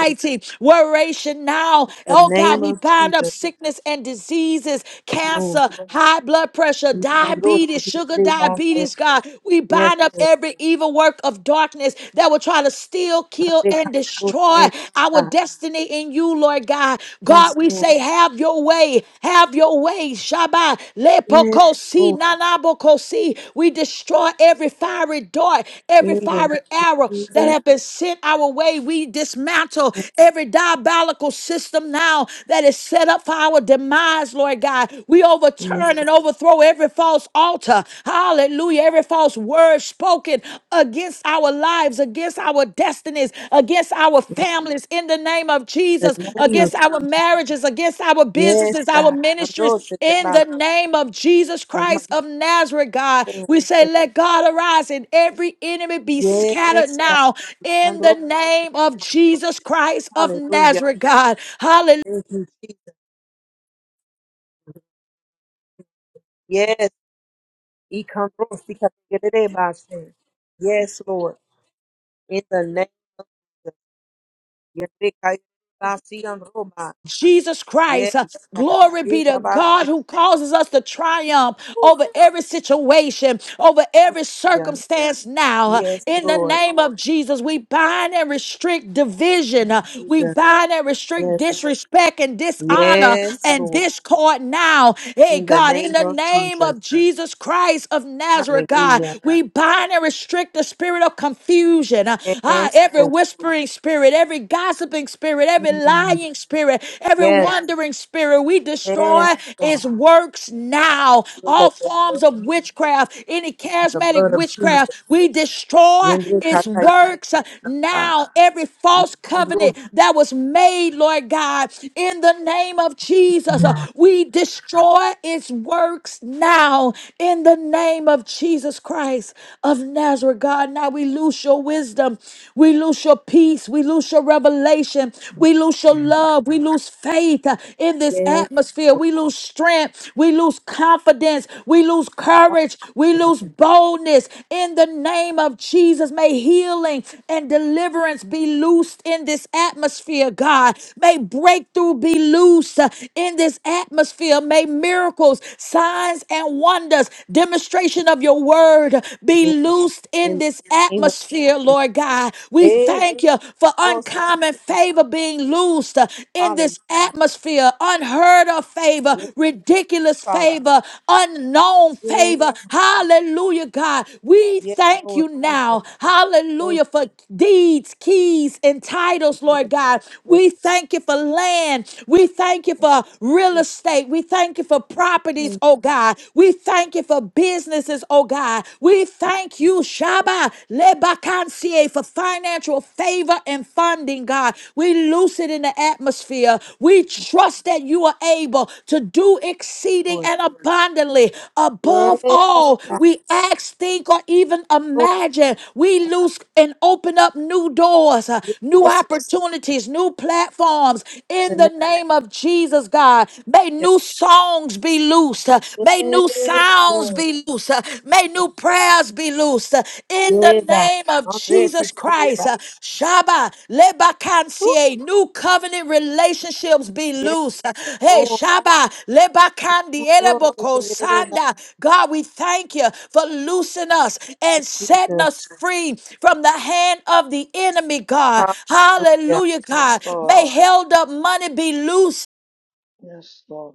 Speaker 2: of Jesus.
Speaker 1: worry resurrection now.
Speaker 2: In the
Speaker 1: Oh God,
Speaker 2: name
Speaker 1: we
Speaker 2: of
Speaker 1: bind up
Speaker 2: Jesus.
Speaker 1: sickness and diseases,
Speaker 2: Yes, Lord.
Speaker 1: cancer, high blood pressure,
Speaker 2: In the Lord,
Speaker 1: diabetes,
Speaker 2: that you
Speaker 1: sugar
Speaker 2: may bless us.
Speaker 1: diabetes, God. We
Speaker 2: Yes,
Speaker 1: bind up
Speaker 2: Lord.
Speaker 1: every evil work of darkness that will try to steal, kill,
Speaker 2: Andre
Speaker 1: and
Speaker 2: Kapos,
Speaker 1: destroy
Speaker 2: name of
Speaker 1: our
Speaker 2: God.
Speaker 1: destiny in you, Lord God. God,
Speaker 2: Yes,
Speaker 1: we
Speaker 2: Lord.
Speaker 1: say, have your way, have your way. Shabbat,
Speaker 2: Yes,
Speaker 1: lepokosi,
Speaker 2: Lord.
Speaker 1: nanabokosi. We destroy every fiery dart,
Speaker 2: In
Speaker 1: every
Speaker 2: the
Speaker 1: fiery
Speaker 2: name of
Speaker 1: arrow that
Speaker 2: Jesus.
Speaker 1: have been sent our way. We dismantle
Speaker 2: Yes,
Speaker 1: every diabolical system now that is set up for our demise, Lord God. We
Speaker 2: yes,
Speaker 1: overturn and overthrow every false altar. Hallelujah. Every false word spoken against our lives, against our destinies, against our
Speaker 2: Lord.
Speaker 1: families in the name of
Speaker 2: In
Speaker 1: Jesus,
Speaker 2: the name of
Speaker 1: against our marriages, against our
Speaker 2: Yes,
Speaker 1: businesses, our
Speaker 2: God.
Speaker 1: ministries
Speaker 2: Andro se te
Speaker 1: in
Speaker 2: va
Speaker 1: the name of Jesus
Speaker 2: the
Speaker 1: Christ of Nazareth, God.
Speaker 2: master.
Speaker 1: We say, let God arise and every enemy be
Speaker 2: Yes,
Speaker 1: scattered
Speaker 2: yes, God.
Speaker 1: now in the
Speaker 2: Andro se
Speaker 1: name
Speaker 2: te
Speaker 1: of
Speaker 2: va.
Speaker 1: Jesus Christ of
Speaker 2: Hallelujah.
Speaker 1: Nazareth, God. Hallelujah.
Speaker 2: Thank you, Jesus. Yes, Ikanrosikatekererabashe. Yes, Lord. In the name of Jesus. Yerikayabasiyanroba.
Speaker 1: Jesus
Speaker 2: Yes,
Speaker 1: Christ. Uh,
Speaker 2: God.
Speaker 1: Glory be to God
Speaker 2: Ikabashe.
Speaker 1: who causes us to triumph over
Speaker 2: Oof.
Speaker 1: every situation, over every
Speaker 2: Yeah.
Speaker 1: circumstance now. Uh,
Speaker 2: Yes,
Speaker 1: In the
Speaker 2: Lord.
Speaker 1: name of Jesus, we bind and restrict division. Uh, We
Speaker 2: Jesus.
Speaker 1: bind and restrict
Speaker 2: Yes.
Speaker 1: disrespect and dishonor
Speaker 2: Yes,
Speaker 1: and
Speaker 2: Lord.
Speaker 1: discord now. Hey,
Speaker 2: In the
Speaker 1: God, in
Speaker 2: name
Speaker 1: the
Speaker 2: of
Speaker 1: name of
Speaker 2: Jesus.
Speaker 1: Jesus Christ of Nazareth, God,
Speaker 2: Hallelujah.
Speaker 1: we bind and restrict the spirit of confusion. Uh, ah,
Speaker 2: Yes,
Speaker 1: every
Speaker 2: Lord.
Speaker 1: whispering spirit, every gossiping spirit, every every
Speaker 2: Mm.
Speaker 1: lying spirit, every
Speaker 2: Yes.
Speaker 1: wandering spirit. We
Speaker 2: Yes,
Speaker 1: destroy
Speaker 2: God.
Speaker 1: its works now.
Speaker 2: In
Speaker 1: All
Speaker 2: the name
Speaker 1: forms
Speaker 2: of
Speaker 1: of
Speaker 2: Jesus.
Speaker 1: witchcraft, any
Speaker 2: The
Speaker 1: charismatic
Speaker 2: blood of Jesus.
Speaker 1: witchcraft, we destroy its works
Speaker 2: Yenrikatayerabasata.
Speaker 1: now. Every false covenant
Speaker 2: Ikandros.
Speaker 1: that was made, Lord God, in the name of Jesus, uh, we destroy its works now. In the name of Jesus Christ of Nazareth, God, now we lose your wisdom. We lose your lose your peace. We lose your revelation. We lose your love. We lose faith uh, in this
Speaker 2: Yes,
Speaker 1: atmosphere.
Speaker 2: Lord,
Speaker 1: We lose strength. We lose confidence. We lose courage. We
Speaker 2: Father,
Speaker 1: lose boldness. In the name of Jesus, may healing and deliverance be loosed in this atmosphere, God. May breakthrough be loosed uh, in this atmosphere. May miracles, signs, and wonders, demonstration of your word be
Speaker 2: yes,
Speaker 1: loosed in in
Speaker 2: in the
Speaker 1: this
Speaker 2: name of
Speaker 1: atmosphere,
Speaker 2: Jesus.
Speaker 1: Lord God. We
Speaker 2: Eh,
Speaker 1: thank you for
Speaker 2: glory to the big cross that they
Speaker 1: uncommon
Speaker 2: got,
Speaker 1: favor
Speaker 2: God.
Speaker 1: being loosed uh, in
Speaker 2: Hallelujah.
Speaker 1: this atmosphere, unheard of favor,
Speaker 2: Yes,
Speaker 1: ridiculous
Speaker 2: Father.
Speaker 1: favor, unknown
Speaker 2: Yes,
Speaker 1: favor. Hallelujah, God. We
Speaker 2: yes,
Speaker 1: thank
Speaker 2: Lord
Speaker 1: you
Speaker 2: Jesus.
Speaker 1: now.
Speaker 2: Thank
Speaker 1: Hallelujah for deeds, keys, and
Speaker 2: you.
Speaker 1: titles,
Speaker 2: Yes,
Speaker 1: Lord God.
Speaker 2: Lord
Speaker 1: We thank you for land. We thank you
Speaker 2: Thank
Speaker 1: for
Speaker 2: you,
Speaker 1: real
Speaker 2: Jesus.
Speaker 1: estate. We thank you for properties,
Speaker 2: Thank
Speaker 1: oh God. We thank you for business businesses, oh God. We
Speaker 2: you,
Speaker 1: thank you, Shaba Lebakansie, for financial favor and funding, God. We loose it in the atmosphere. We trust that you are able to do exceeding
Speaker 2: Lord.
Speaker 1: and abundantly. Above
Speaker 2: Yes,
Speaker 1: all,
Speaker 2: God.
Speaker 1: we ask, think, or even
Speaker 2: Lord,
Speaker 1: imagine. We
Speaker 2: God.
Speaker 1: loose and open up new doors, uh, new
Speaker 2: Yes,
Speaker 1: opportunities, new platforms in the
Speaker 2: Lord.
Speaker 1: name of Jesus, God. May new songs be be loosed. uh, May new
Speaker 2: Yes,
Speaker 1: sounds
Speaker 2: Lord.
Speaker 1: be loosed. uh, May new prayers be loosed. uh, In the
Speaker 2: Yes,
Speaker 1: name of
Speaker 2: God.
Speaker 1: Jesus
Speaker 2: Yes,
Speaker 1: Christ. uh, Shaba,
Speaker 2: Lord.
Speaker 1: Lebakansie, new covenant relationships be
Speaker 2: Yes,
Speaker 1: loosed. uh, Hey,
Speaker 2: Lord.
Speaker 1: Shaba, Lebakandi,
Speaker 2: Glory to
Speaker 1: Ereboko,
Speaker 2: your name, Lord
Speaker 1: Sanda. God, we thank you for loosing us and setting
Speaker 2: Jesus.
Speaker 1: us free from the hand of the enemy, God.
Speaker 2: Hallelujah.
Speaker 1: Hallelujah, God.
Speaker 3: Yes,
Speaker 1: May
Speaker 3: Lord.
Speaker 1: held up money be loosed.
Speaker 3: Yes, Lord.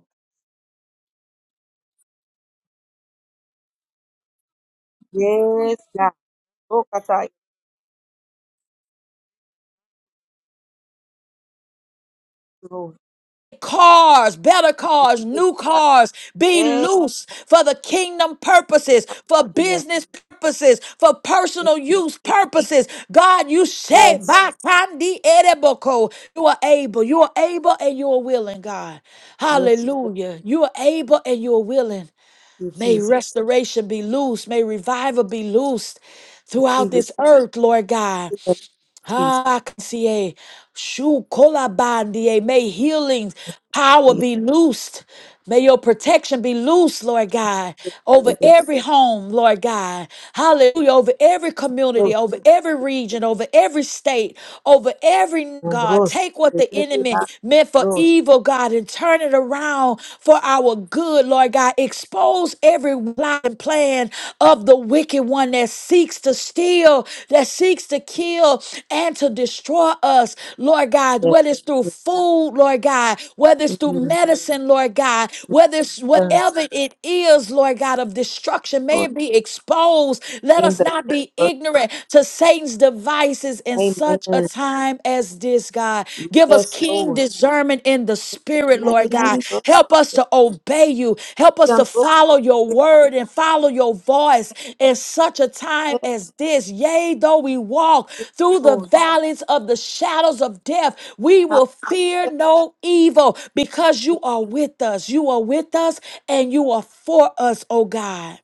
Speaker 2: Yes, God. Oh, God, I thank you, Lord.
Speaker 1: cars, better cars,
Speaker 2: Thank
Speaker 1: new
Speaker 2: you, God.
Speaker 1: cars. Be
Speaker 2: Yes,
Speaker 1: loose for the kingdom purposes, for
Speaker 2: hallelujah.
Speaker 1: business purposes, for
Speaker 2: Thank
Speaker 1: personal
Speaker 2: you,
Speaker 1: use
Speaker 2: Jesus.
Speaker 1: purposes. God, you say,
Speaker 2: Yes,
Speaker 1: by Kandi Ereboko, you are able, you are able and you are willing, God.
Speaker 2: yes, Lord,
Speaker 1: Hallelujah. You are able and you are willing.
Speaker 2: thank you,
Speaker 1: May
Speaker 2: Jesus.
Speaker 1: restoration be loose, may revival be loosed throughout
Speaker 2: Receive it,
Speaker 1: this earth, Lord God.
Speaker 2: in the name of Jesus.
Speaker 1: Hakasie, shukolabandie. May healings power
Speaker 2: Thank you,
Speaker 1: be loosed. May your protection be loose, Lord God, over
Speaker 2: thank you, Lord.
Speaker 1: every home, Lord God. Hallelujah. Over every
Speaker 2: Thank
Speaker 1: community, over every region, over every state, over every
Speaker 2: you,
Speaker 1: God. Take
Speaker 2: Lord.
Speaker 1: what
Speaker 2: Thank
Speaker 1: the
Speaker 2: you, Lord. Thank you,
Speaker 1: enemy meant for
Speaker 2: Lord.
Speaker 1: evil, God, and turn it around for our good, Lord God. Expose every lie and plan of the wicked one that seeks to to steal, that seeks to kill and to destroy us, Lord God,
Speaker 2: Yes,
Speaker 1: whether it's through food, Lord God, whether it's through medicine, Lord God, whether it's whatever it is, Lord God, of destruction, may
Speaker 2: Lord.
Speaker 1: it be exposed. Let
Speaker 2: In
Speaker 1: us
Speaker 2: the
Speaker 1: not
Speaker 2: name
Speaker 1: be
Speaker 2: of Jesus.
Speaker 1: ignorant to Satan's devices in such a
Speaker 2: Amen.
Speaker 1: time as this, God. Give us
Speaker 2: Yes,
Speaker 1: keen
Speaker 2: Lord.
Speaker 1: discernment discernment in the
Speaker 2: In the
Speaker 1: spirit, Lord God.
Speaker 2: name of
Speaker 1: Help us
Speaker 2: Jesus.
Speaker 1: to obey you. Help us to follow your word and follow your voice in such a time as this. Yea, though we walk
Speaker 2: Yes,
Speaker 1: through the
Speaker 2: Lord.
Speaker 1: valleys of the shadows of death, we will fear no evil because you are with us. You are with us and you are for us, oh God.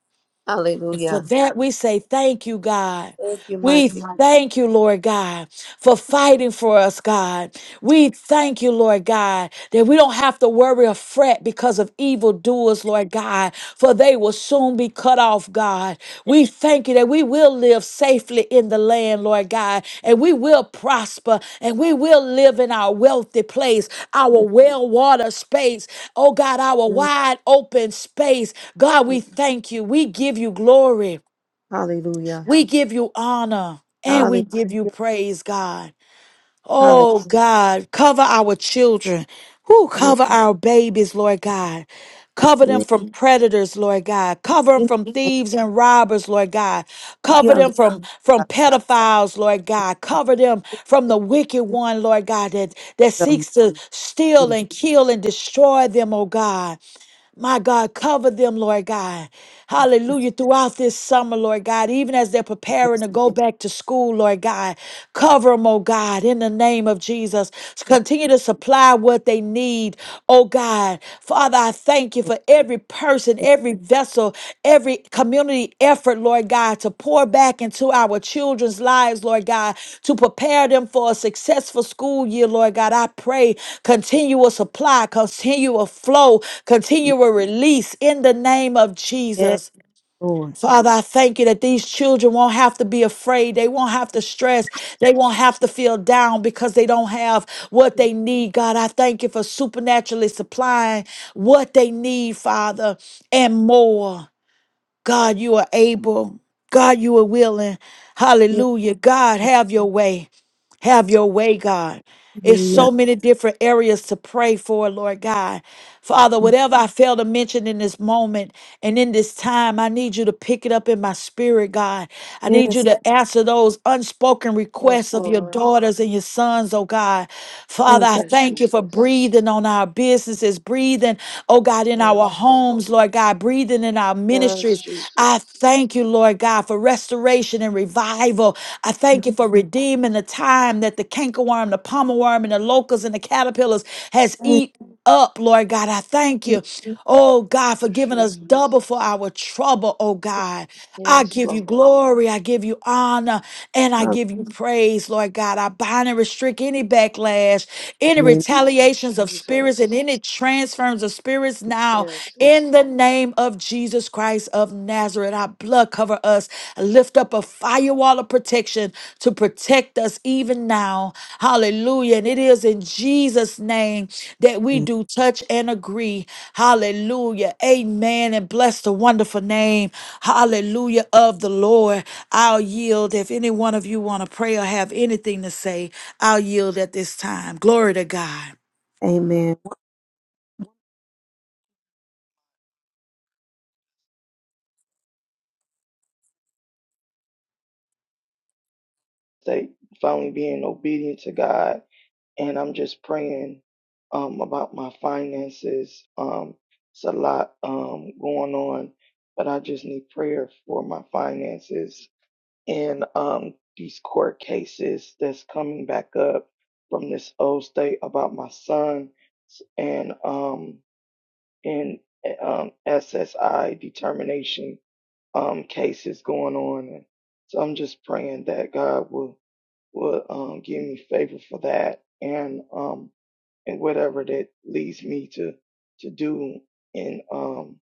Speaker 1: And for
Speaker 2: Hallelujah.
Speaker 1: that, we say thank you, God.
Speaker 2: Thank you,
Speaker 1: We
Speaker 2: mighty.
Speaker 1: thank you, Lord God, for fighting for us, God. We thank you, Lord God, that we don't have to worry or fret because of evildoers, Lord God, for they will soon be cut off, God.
Speaker 2: God.
Speaker 1: We thank you that we will live safely in the land, Lord God, and we will prosper and we will live in our wealthy place, our
Speaker 2: Yes,
Speaker 1: well watered space, oh God, our
Speaker 2: yes,
Speaker 1: wide open space. God,
Speaker 2: yes.
Speaker 1: we thank you. We give you glory.
Speaker 2: Hallelujah.
Speaker 1: We give you honor and we
Speaker 2: Hallelujah.
Speaker 1: give you praise, God.
Speaker 2: Hallelujah.
Speaker 1: Oh, God, cover our children. Who
Speaker 2: Yes,
Speaker 1: cover our babies, Lord God. Cover them
Speaker 2: yes.
Speaker 1: from predators, Lord God. Cover them
Speaker 2: In
Speaker 1: from
Speaker 2: the
Speaker 1: thieves and robbers, Lord God. Cover
Speaker 2: name of
Speaker 1: them
Speaker 2: the
Speaker 1: from, from
Speaker 2: Lord,
Speaker 1: pedophiles, Lord God. Cover them from the wicked one, Lord God, that, that
Speaker 2: the mighty God.
Speaker 1: seeks to steal
Speaker 2: Yes,
Speaker 1: and kill and destroy them, oh God. My God, cover them, Lord God. Hallelujah. Throughout this summer, Lord God, even as they're preparing to go back to school, Lord God, cover them, oh God, in the name of Jesus. Continue to supply what they need, oh God. Father, I thank you for every person,
Speaker 2: yes,
Speaker 1: every vessel, every community effort, Lord God, to pour back into our children's lives, Lord God, to prepare them for a successful school year, Lord God. I pray continual supply, continual flow, continual release in the name of
Speaker 2: yes,
Speaker 1: Jesus.
Speaker 2: Lord.
Speaker 1: Father, I thank you that these children won't have to be afraid. They won't have to stress. They won't have to feel down because they don't have what they need. God, I thank you for supernaturally supplying what they need, Father, and more. God, you are able. God, you are willing.
Speaker 2: Yes,
Speaker 1: Hallelujah. God, have your way. Have your way, God. It's
Speaker 2: hallelujah.
Speaker 1: so many different areas to pray for, Lord God. Father, whatever I fail to mention in this moment and in this time, I need you to pick it up in my spirit, God. I need you
Speaker 2: Yes,
Speaker 1: to Yes. answer those unspoken
Speaker 3: Yes,
Speaker 1: requests of
Speaker 2: yes.
Speaker 1: your
Speaker 3: Lord.
Speaker 1: daughters and your sons, oh God.
Speaker 2: Oh,
Speaker 1: Father, I
Speaker 2: God.
Speaker 3: Yes,
Speaker 1: thank you for
Speaker 3: Jesus.
Speaker 1: breathing on on our businesses, breathing, oh God, in our
Speaker 3: Yes, Lord.
Speaker 1: homes, Lord God, breathing in our
Speaker 3: Yes,
Speaker 1: ministries. I
Speaker 3: Jesus.
Speaker 1: thank you, Lord God, for restoration and revival. I thank you for redeeming the time that the cankerworm, the pommel worm, and the locusts and the caterpillars has
Speaker 2: Yes,
Speaker 1: eaten up, Lord God. I thank
Speaker 2: yes.
Speaker 1: you, oh God, for
Speaker 3: Yes,
Speaker 1: giving us double
Speaker 3: Jesus.
Speaker 1: for our trouble, oh God. I
Speaker 3: Yes,
Speaker 1: give you
Speaker 3: Lord.
Speaker 1: glory. I give you honor and I
Speaker 2: Hallelujah.
Speaker 1: give you praise, Lord God. I bind and restrict any backlash, any
Speaker 2: In the
Speaker 3: Yes,
Speaker 1: retaliations of spirits, and
Speaker 3: Jesus.
Speaker 1: any transference of spirits now
Speaker 3: Yes,
Speaker 1: in
Speaker 3: Lord.
Speaker 1: the name of Jesus Christ of Nazareth, our blood cover us. Lift up a firewall of protection to protect us even now. Hallelujah. And it is in Jesus' name that
Speaker 2: name.
Speaker 1: we do touch and agree. Hallelujah. Amen. And bless the wonderful name. Hallelujah of the Lord. I'll yield if any one of you want to pray or have anything to say. I'll yield at this time. Glory to God.
Speaker 2: Amen.
Speaker 3: They finally being obedient to God, and I'm just praying um about my finances. Um, it's a lot um going on, but I just need prayer for my finances. in um, these court cases that's coming back up from this old state about my son and um, in eh, um, SSI determination um, cases going on. And so I'm just praying that God will will um, give me favor for that and um, and whatever that leads me to to do in um,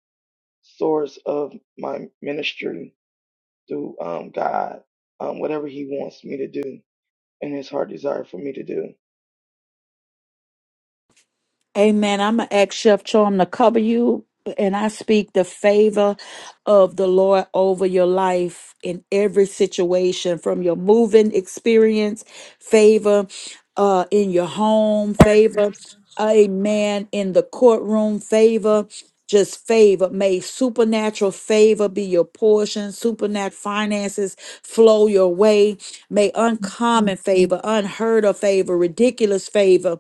Speaker 3: source of my ministry through um, God, um, whatever He wants me to do and His heart desire for me to do.
Speaker 1: Amen. I'm going to ask Chef Charm to cover you, and I speak the favor of the Lord over your life in every situation from your moving experience, favor uh, in your home, favor, amen, in the courtroom, favor. Just favor, may supernatural favor be your portion, supernatural finances flow your way. May uncommon favor, unheard of favor, ridiculous favor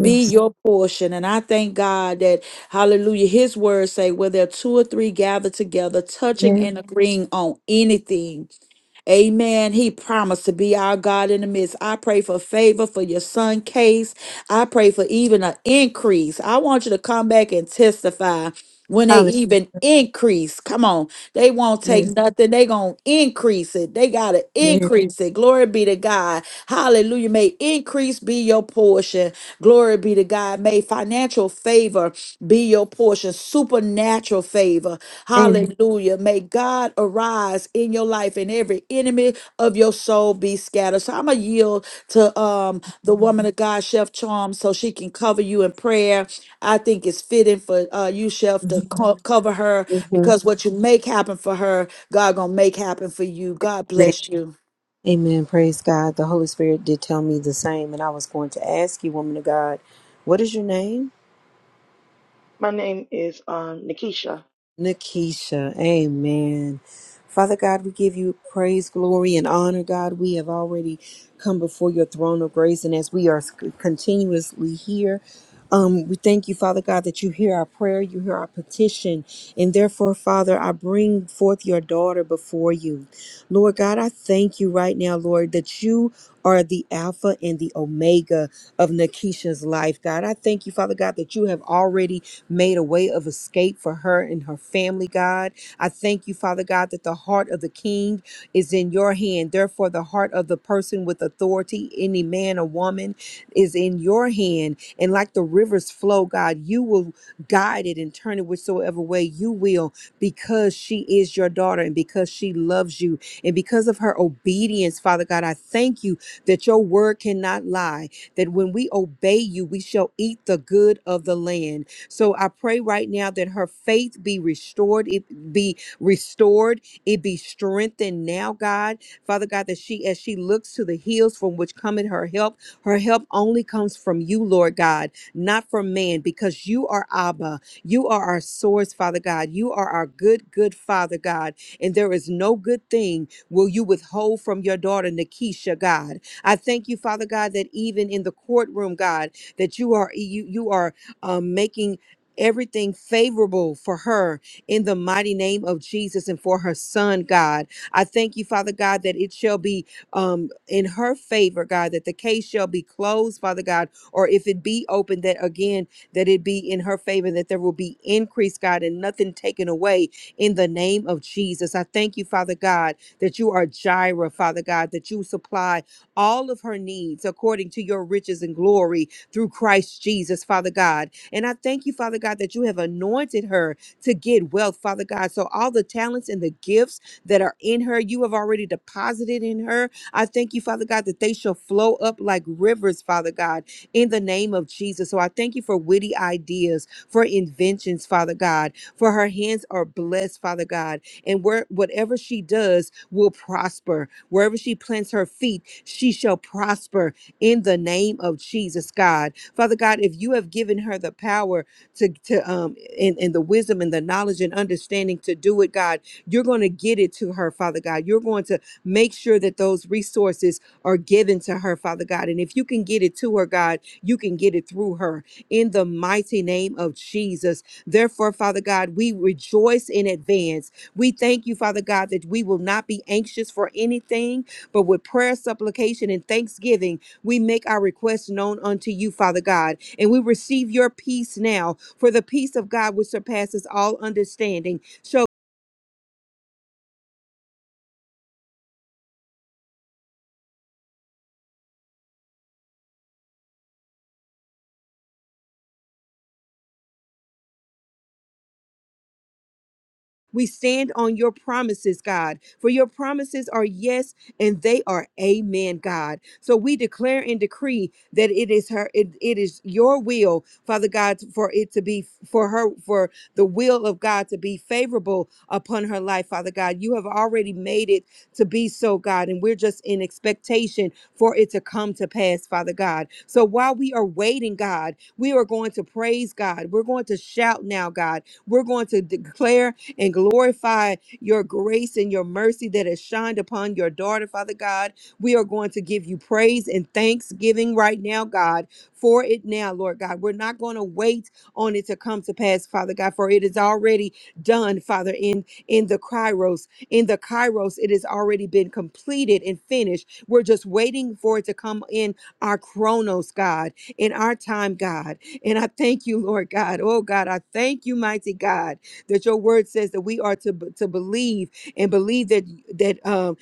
Speaker 1: be your portion. And I thank God that, hallelujah, his words say, where there are two or three gathered together, touching
Speaker 2: Yes.
Speaker 1: and agreeing on anything Amen. He promised to be our God in the midst. I pray for favor for your son, Case. I pray for even an increase. I want you to come back and testify when they
Speaker 2: Hallelujah.
Speaker 1: even increase. Come on. They won't take
Speaker 2: Yes.
Speaker 1: nothing. They going to increase it. They got to
Speaker 2: Yes.
Speaker 1: increase it. Glory be to God. Hallelujah. May increase be your portion. Glory be to God. May financial favor be your portion. Supernatural favor.
Speaker 2: Amen.
Speaker 1: Hallelujah. May God arise in your life and every enemy of your soul be scattered. So I'm going to yield to um, the woman of God, Chef Charm, so she can cover you in prayer. I think it's fitting for uh, you, Chef, to
Speaker 2: Mhm.
Speaker 1: co- cover her because
Speaker 2: Amen.
Speaker 1: what you make happen for her, God going to make happen for you. God bless you.
Speaker 2: Amen. Praise God. The Holy Spirit did tell me the same, and I was going to ask you, woman of God, what is your name?
Speaker 3: My name is um, Nikisha.
Speaker 2: Nakisha, amen. Father God, we give you praise, glory, and honor, God. We have already come before your throne of grace, and as we are continuously here, um, we thank you, Father God, that you hear our prayer, you hear our petition, and therefore, Father, I bring forth your daughter before you. Lord God, I thank you right now, Lord, that you are the Alpha and the Omega of Nakisha's life, God. I thank you, Father God, that you have already made a way of escape for her and her family, God. I thank you, Father God, that the heart of the king is in your hand. Therefore, the heart of the person with authority, any man or woman, is in your hand. And like the rivers flow, God, you will guide it and turn it whichsoever way you will, because she is your daughter and because she loves you. And because of her obedience, Father God, I thank you that your word cannot lie, that when we obey you, we shall eat the good of the land. So I pray right now that her faith be restored, it be restored, it be strengthened now, God. Father God, that she as she looks to the hills from which cometh her help, her help only comes from you, Lord God, not from man, because you are Abba. You are our source, Father God. You are our good, good Father God. And there is no good thing will you withhold from your daughter, Nakisha. God. I thank you, Father God, that even in the courtroom, God, that you are you you are um, making everything favorable for her in the mighty name of Jesus and for her son, God. I thank you, Father God, that it shall be um, in her favor, God, that the case shall be closed, Father God, or if it be open, that again, that it be in her favor, that there will be increase, God, and nothing taken away in the name of Jesus. I thank you, Father God, that you are Jireh, Father God, that you supply all of her needs according to your riches and glory through Christ Jesus, Father God. And I thank you, Father God, that you have anointed her to get wealth, Father God. So all the talents and the gifts that are in her, you have already deposited in her. I thank you, Father God, that they shall flow up like rivers, Father God, in the name of Jesus. So I thank you for witty ideas, for inventions, Father God, for her hands are blessed, Father God. And where whatever she does will prosper. Wherever she plants her feet, she shall prosper in the name of Jesus, God. Father God, if you have given her the power to, to um and, and the wisdom and the knowledge and understanding to do it, God, you're going to get it to her, Father God. You're going to make sure that those resources are given to her, Father God. And if you can get it to her, God, you can get it through her in the mighty name of Jesus. Therefore, Father God, we rejoice in advance. We thank you, Father God, that we will not be anxious for anything, but with prayer, supplication, and thanksgiving we make our requests known unto you, Father God, and we receive your peace now. For the peace of God which surpasses all understanding So We stand on your promises, God, for your promises are yes and they are amen, God. So we declare and decree that it is her, it, it is your will, Father God, for it to be for her, for the will of God to be favorable upon her life, Father God. You have already made it to be so, God, and we're just in expectation for it to come to pass, Father God. So while we are waiting, God, we are going to praise God. We're going to shout now, God. We're going to declare and glorify your grace and your mercy that has shined upon your daughter, Father God. We are going to give you praise and thanksgiving right now, God, for it now, Lord God. We're not going to wait on it to come to pass, Father God, for it is already done, Father, in, in the Kairos. In the Kairos, it has already been completed and finished. We're just waiting for it to come in our chronos, God, in our time, God. And I thank you, Lord God. Oh, God, I thank you, mighty God that your word says that we are to, to believe and believe that that um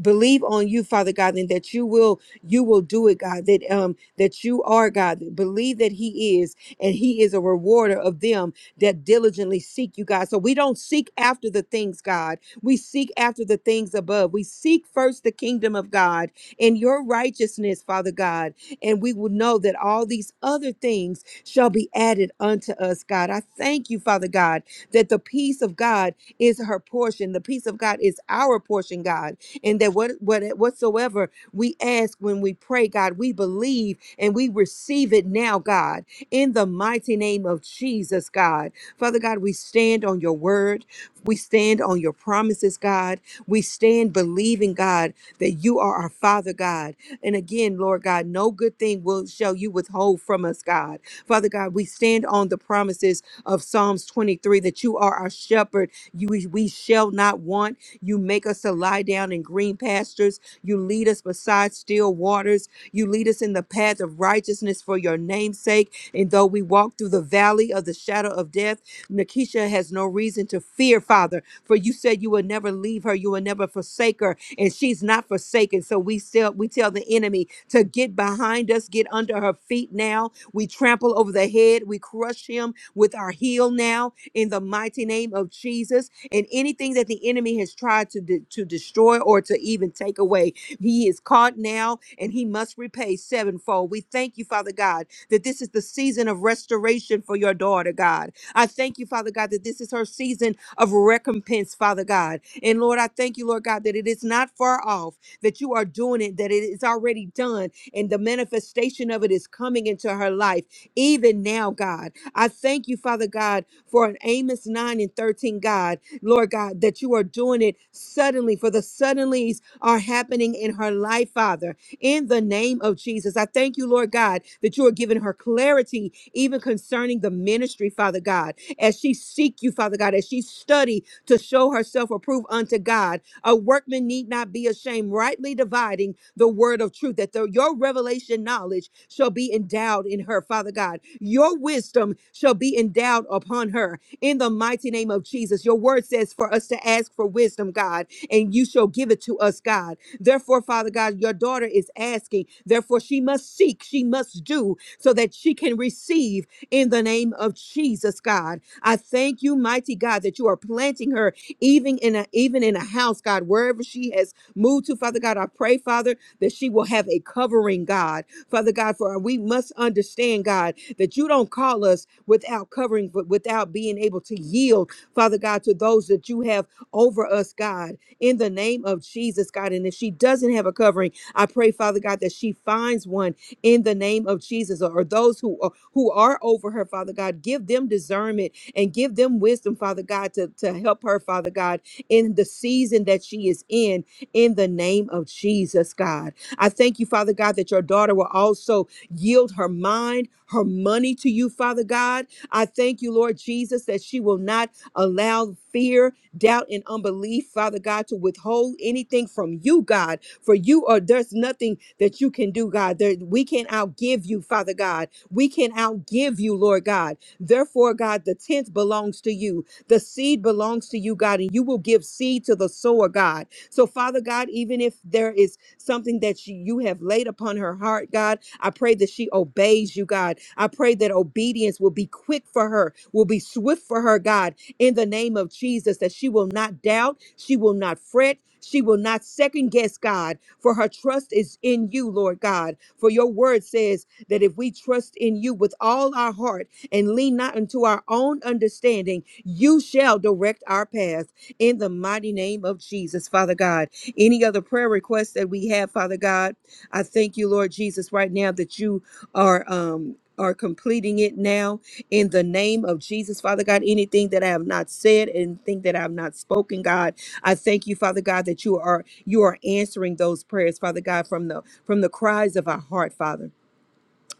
Speaker 2: believe on you father god and that you will you will do it god that um that you are god believe that he is and he is a rewarder of them that diligently seek you god so we don't seek after the things god we seek after the things above we seek first the kingdom of god and your righteousness father god and we will know that all these other things shall be added unto us god i thank you father god that the peace of God is her portion. The peace of God is our portion, God. And that what, what whatsoever we ask when we pray, God, we believe and we receive it now, God, in the mighty name of Jesus, God. Father God, we stand on your word. We stand on your promises, God. We stand believing, God, that you are our Father, God. And again, Lord God, no good thing will shall you withhold from us, God. Father God, we stand on the promises of Psalms 23 that you are our shepherd. You we we shall not want. You make us to lie down in green pastures. You lead us beside still waters. You lead us in the path of righteousness for your name's sake. And though we walk through the valley of the shadow of death, Nakisha has no reason to fear, Father, for you said you would never leave her, you will never forsake her, and she's not forsaken. So we still we tell the enemy to get behind us, get under her feet now, we trample over the head. We crush him with our heel now in the mighty name of Jesus. And anything that the enemy has tried to, de- to destroy or to even take away, he is caught now and he must repay sevenfold. We thank you, Father God, that this is the season of restoration for your daughter, God. I thank you, Father God, that this is her season of recompense, Father God. And Lord, I thank you, Lord God, that it is not far off, that you are doing it, that it is already done and the manifestation of it is coming into her life even now, God. I thank you, Father God, for an Amos 9 and 13, God, Lord God, that you are doing it suddenly, for the suddenlies are happening in her life, Father, in the name of Jesus. I thank you, Lord God, that you are giving her clarity even concerning the ministry, Father God, as she seek you, Father God, as she study to show herself approved unto God. A workman need not be ashamed, rightly dividing the word of truth, that the, your revelation knowledge shall be endowed in her, Father God. Your wisdom shall be endowed upon her in the mighty name of Jesus. Your word says for us to ask for wisdom, God, and you shall give it to us, God. Therefore, Father God, your daughter is asking. Therefore, she must seek, she must do so that she can receive in the name of Jesus, God. I thank you, mighty God, that you are planting her even in a even in a house, God, wherever she has moved to, Father God. I pray, Father, that she will have a covering, God. Father God, for we must understand, God, that you don't call us without covering, but without being able to yield, Father God, to those that you have over us, God, in the name of Jesus, God. And if she doesn't have a covering, I pray, Father God, that she finds one in the name of Jesus or those who are, who are over her father God give them discernment and give them wisdom father God to, to help her father God in the season that she is in in the name of Jesus God I thank you father God that your daughter will also yield her mind her money to you father God I thank you Lord Jesus that she will not allow fear doubt and unbelief father God to withhold anything from you God for you are there's nothing that you can do, God. There, we can't outgive you, Father God. We can outgive you, Lord God. Therefore, God, the tenth belongs to you. The seed belongs to you, God, and you will give seed to the sower, God. So, Father God, even if there is something that you you have laid upon her heart, God, I pray that she obeys you, God. I pray that obedience will be quick for her, will be swift for her, God, in the name of Jesus, that she will not doubt, she will not fret, she will not second guess God, for her trust is in you, Lord God. For your word says that if we trust in you with all our heart and lean not unto our own understanding, you shall direct our path in the mighty name of Jesus, Father God. Any other prayer requests that we have, Father God, I thank you, Lord Jesus, right now that you are um are completing it now in the name of Jesus, Father God, anything that I have not said, anything that I have not spoken, God, I thank you, Father God, that you are you are answering those prayers, Father God, from the from the cries of our heart, Father.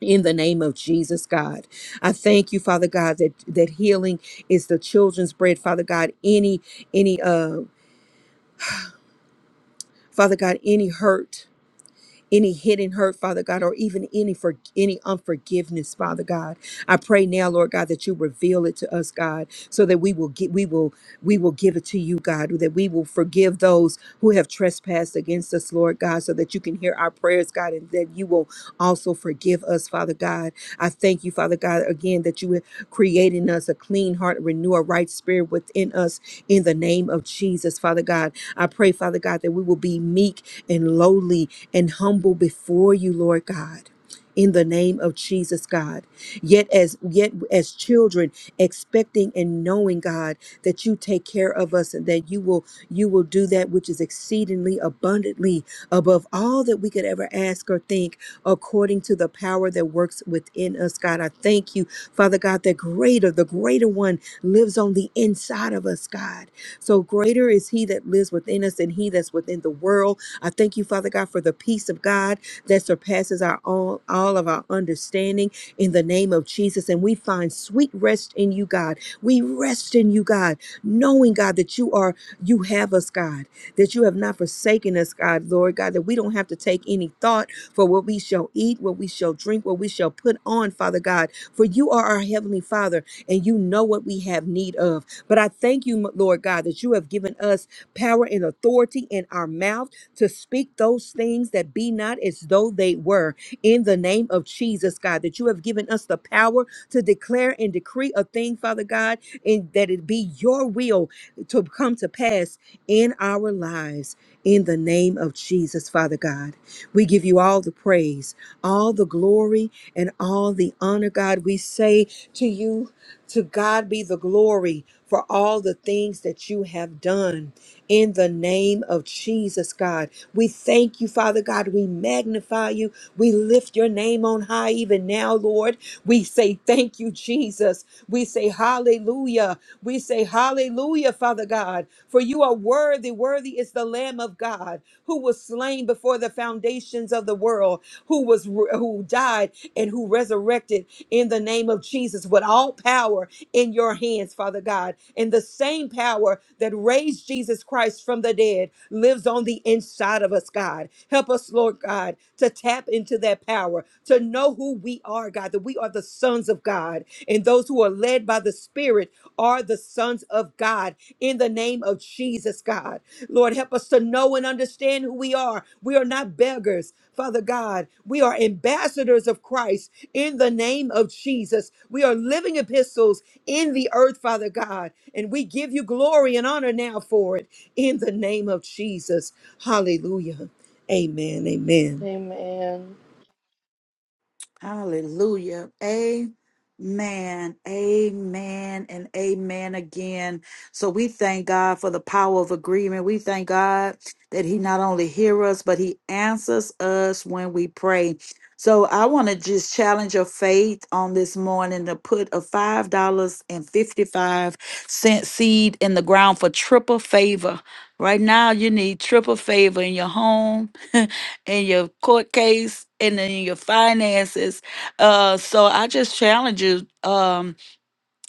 Speaker 2: In the name of Jesus, God, I thank you, Father God, that that healing is the children's bread, Father God. Any any uh, Father God, any hurt. any hidden hurt, Father God, or even any for any unforgiveness, Father God. I pray now, Lord God, that you reveal it to us, God, so that we will get we will we will give it to you, God, that we will forgive those who have trespassed against us, Lord God, so that you can hear our prayers, God, and that you will also forgive us, Father God. I thank you, Father God, again that you have created in us a clean heart, renew a right spirit within us in the name of Jesus, Father God. I pray, Father God, that we will be meek and lowly and humble before you, Lord God. In the name of Jesus, God. Yet as yet as children, expecting and knowing, God, that you take care of us and that you will you will do that which is exceedingly abundantly above all that we could ever ask or think, according to the power that works within us, God. I thank you, Father God, that greater, the greater one lives on the inside of us, God. So greater is he that lives within us than he that's within the world. I thank you, Father God, for the peace of God that surpasses our all, all of our understanding in the name of Jesus. And we find sweet rest in you, God. We rest in you, God, knowing, God, that you are, you have us, God, that you have not forsaken us, God, Lord God, that we don't have to take any thought for what we shall eat, what we shall drink, what we shall put on, Father God. For you are our Heavenly Father, and you know what we have need of. But I thank you, Lord God, that you have given us power and authority in our mouth to speak those things that be not as though they were in the name of Jesus, God, that you have given us the power to declare and decree a thing, Father God, and that it be your will to come to pass in our lives in the name of Jesus, Father God. We give you all the praise, all the glory, and all the honor, God. We say to you, to God be the glory for all the things that you have done in the name of Jesus, God. We thank you, Father God. We magnify you. We lift your name on high even now, Lord. We say thank you, Jesus. We say hallelujah. We say hallelujah, Father God, for you are worthy. Worthy is the Lamb of God who was slain before the foundations of the world, who was who died and who resurrected in the name of Jesus with all power in your hands, Father God. And the same power that raised Jesus Christ from the dead lives on the inside of us, God. Help us, Lord God, to tap into that power, to know who we are, God, that we are the sons of God. And those who are led by the Spirit are the sons of God in the name of Jesus, God. Lord, help us to know and understand who we are. We are not beggars, Father God. We are ambassadors of Christ in the name of Jesus. We are living epistles in the earth, Father God. And we give you glory and honor now for it in the name of Jesus. Hallelujah. Amen. Amen.
Speaker 3: Amen.
Speaker 1: Hallelujah. Amen. Amen and amen again. So we thank God for the power of agreement. We thank God that He not only hears us, but He answers us when we pray. So I want to just challenge your faith on this morning to put a $5.55 seed in the ground for triple favor. Right now, you need triple favor in your home. *laughs* in your court case and in your finances. Uh, so I just challenge you. Um,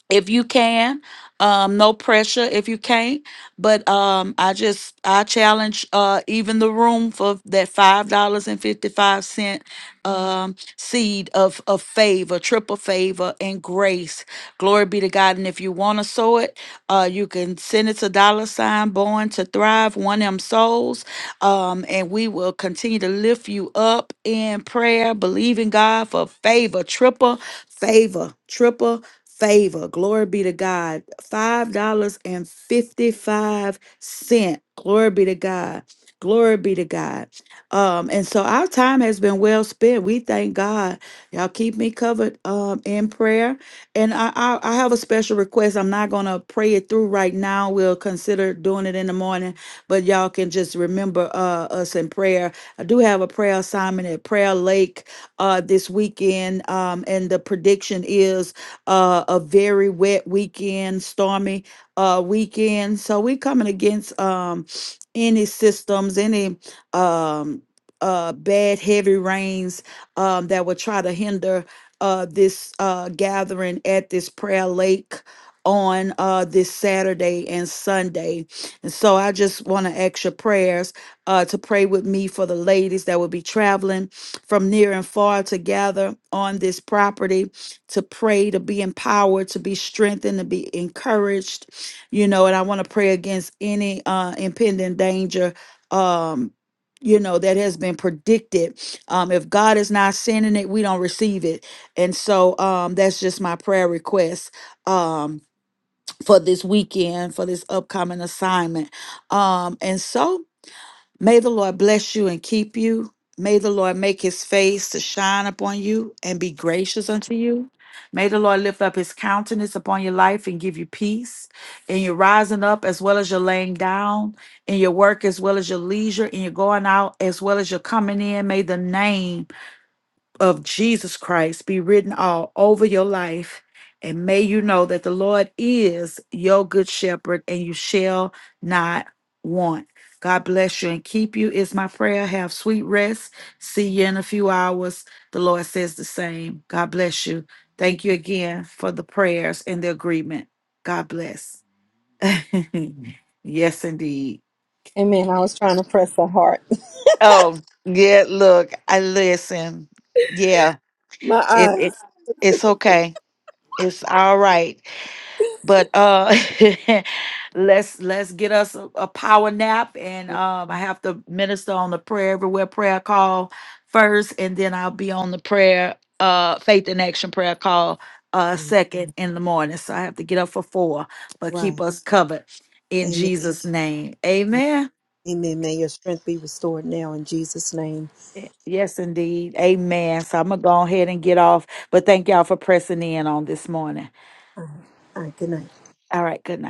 Speaker 1: if you can um no pressure if you can't but um i just i challenge uh even the room for that five dollars and 55 cent um seed of of favor triple favor and grace glory be to god and if you want to sow it uh you can send it to dollar sign born to thrive one m souls um and we will continue to lift you up in prayer believing god for favor triple favor triple favor. Glory be to God. $5.55. Glory be to God. Glory be to God. Um, and so our time has been well spent. We thank God. Y'all keep me covered um, in prayer. And I, I, I have a special request. I'm not going to pray it through right now. We'll consider doing it in the morning, but y'all can just remember uh, us in prayer. I do have a prayer assignment at Prayer Lake uh, this weekend, um, and the prediction is uh, a very wet weekend, stormy uh, weekend. So we coming against um, any systems, any um, uh, bad heavy rains um, that would try to hinder uh, this uh, gathering at this prayer lake on uh this Saturday and Sunday. And so I just want to ask your prayers uh to pray with me for the ladies that will be traveling from near and far to gather on this property to pray, to be empowered, to be strengthened, to be encouraged, you know, and I want to pray against any uh impending danger um you know that has been predicted um if god is not sending it we don't receive it and so um that's just my prayer request um for this weekend for this upcoming assignment um and so May the Lord bless you and keep you. May the Lord make his face to shine upon you and be gracious unto you. May the Lord lift up his countenance upon your life and give you peace in your rising up as well as your laying down, in your work as well as your leisure, in your going out as well as your coming in. May the name of Jesus Christ be written all over your life. And may you know that the Lord is your good shepherd and you shall not want. God bless you and keep you, is my prayer. Have sweet rest. See you in a few hours. The Lord says the same. God bless you. Thank you again for the prayers and the agreement. God bless. *laughs* yes, indeed.
Speaker 2: Amen. Heart,
Speaker 1: Oh, yeah, look, I listen. Yeah,
Speaker 2: My
Speaker 1: it,
Speaker 2: eyes.
Speaker 1: it's it's okay. It's all right. But uh *laughs* let's let's get us a, a power nap and um I have to minister on the prayer everywhere prayer call first and then I'll be on the prayer uh faith in action prayer call uh
Speaker 2: Amen.
Speaker 1: second in the morning. So I have to get up for 4, but
Speaker 2: Right.
Speaker 1: keep us covered in
Speaker 2: Amen.
Speaker 1: Jesus name.
Speaker 2: Right.
Speaker 1: Amen.
Speaker 2: Amen. May your strength be restored now in Jesus' name.
Speaker 1: Yes indeed. Amen. So I'm going to go ahead and get off, but thank y'all for pressing in on this morning.
Speaker 2: All right, All right, good night.
Speaker 1: All right, good night.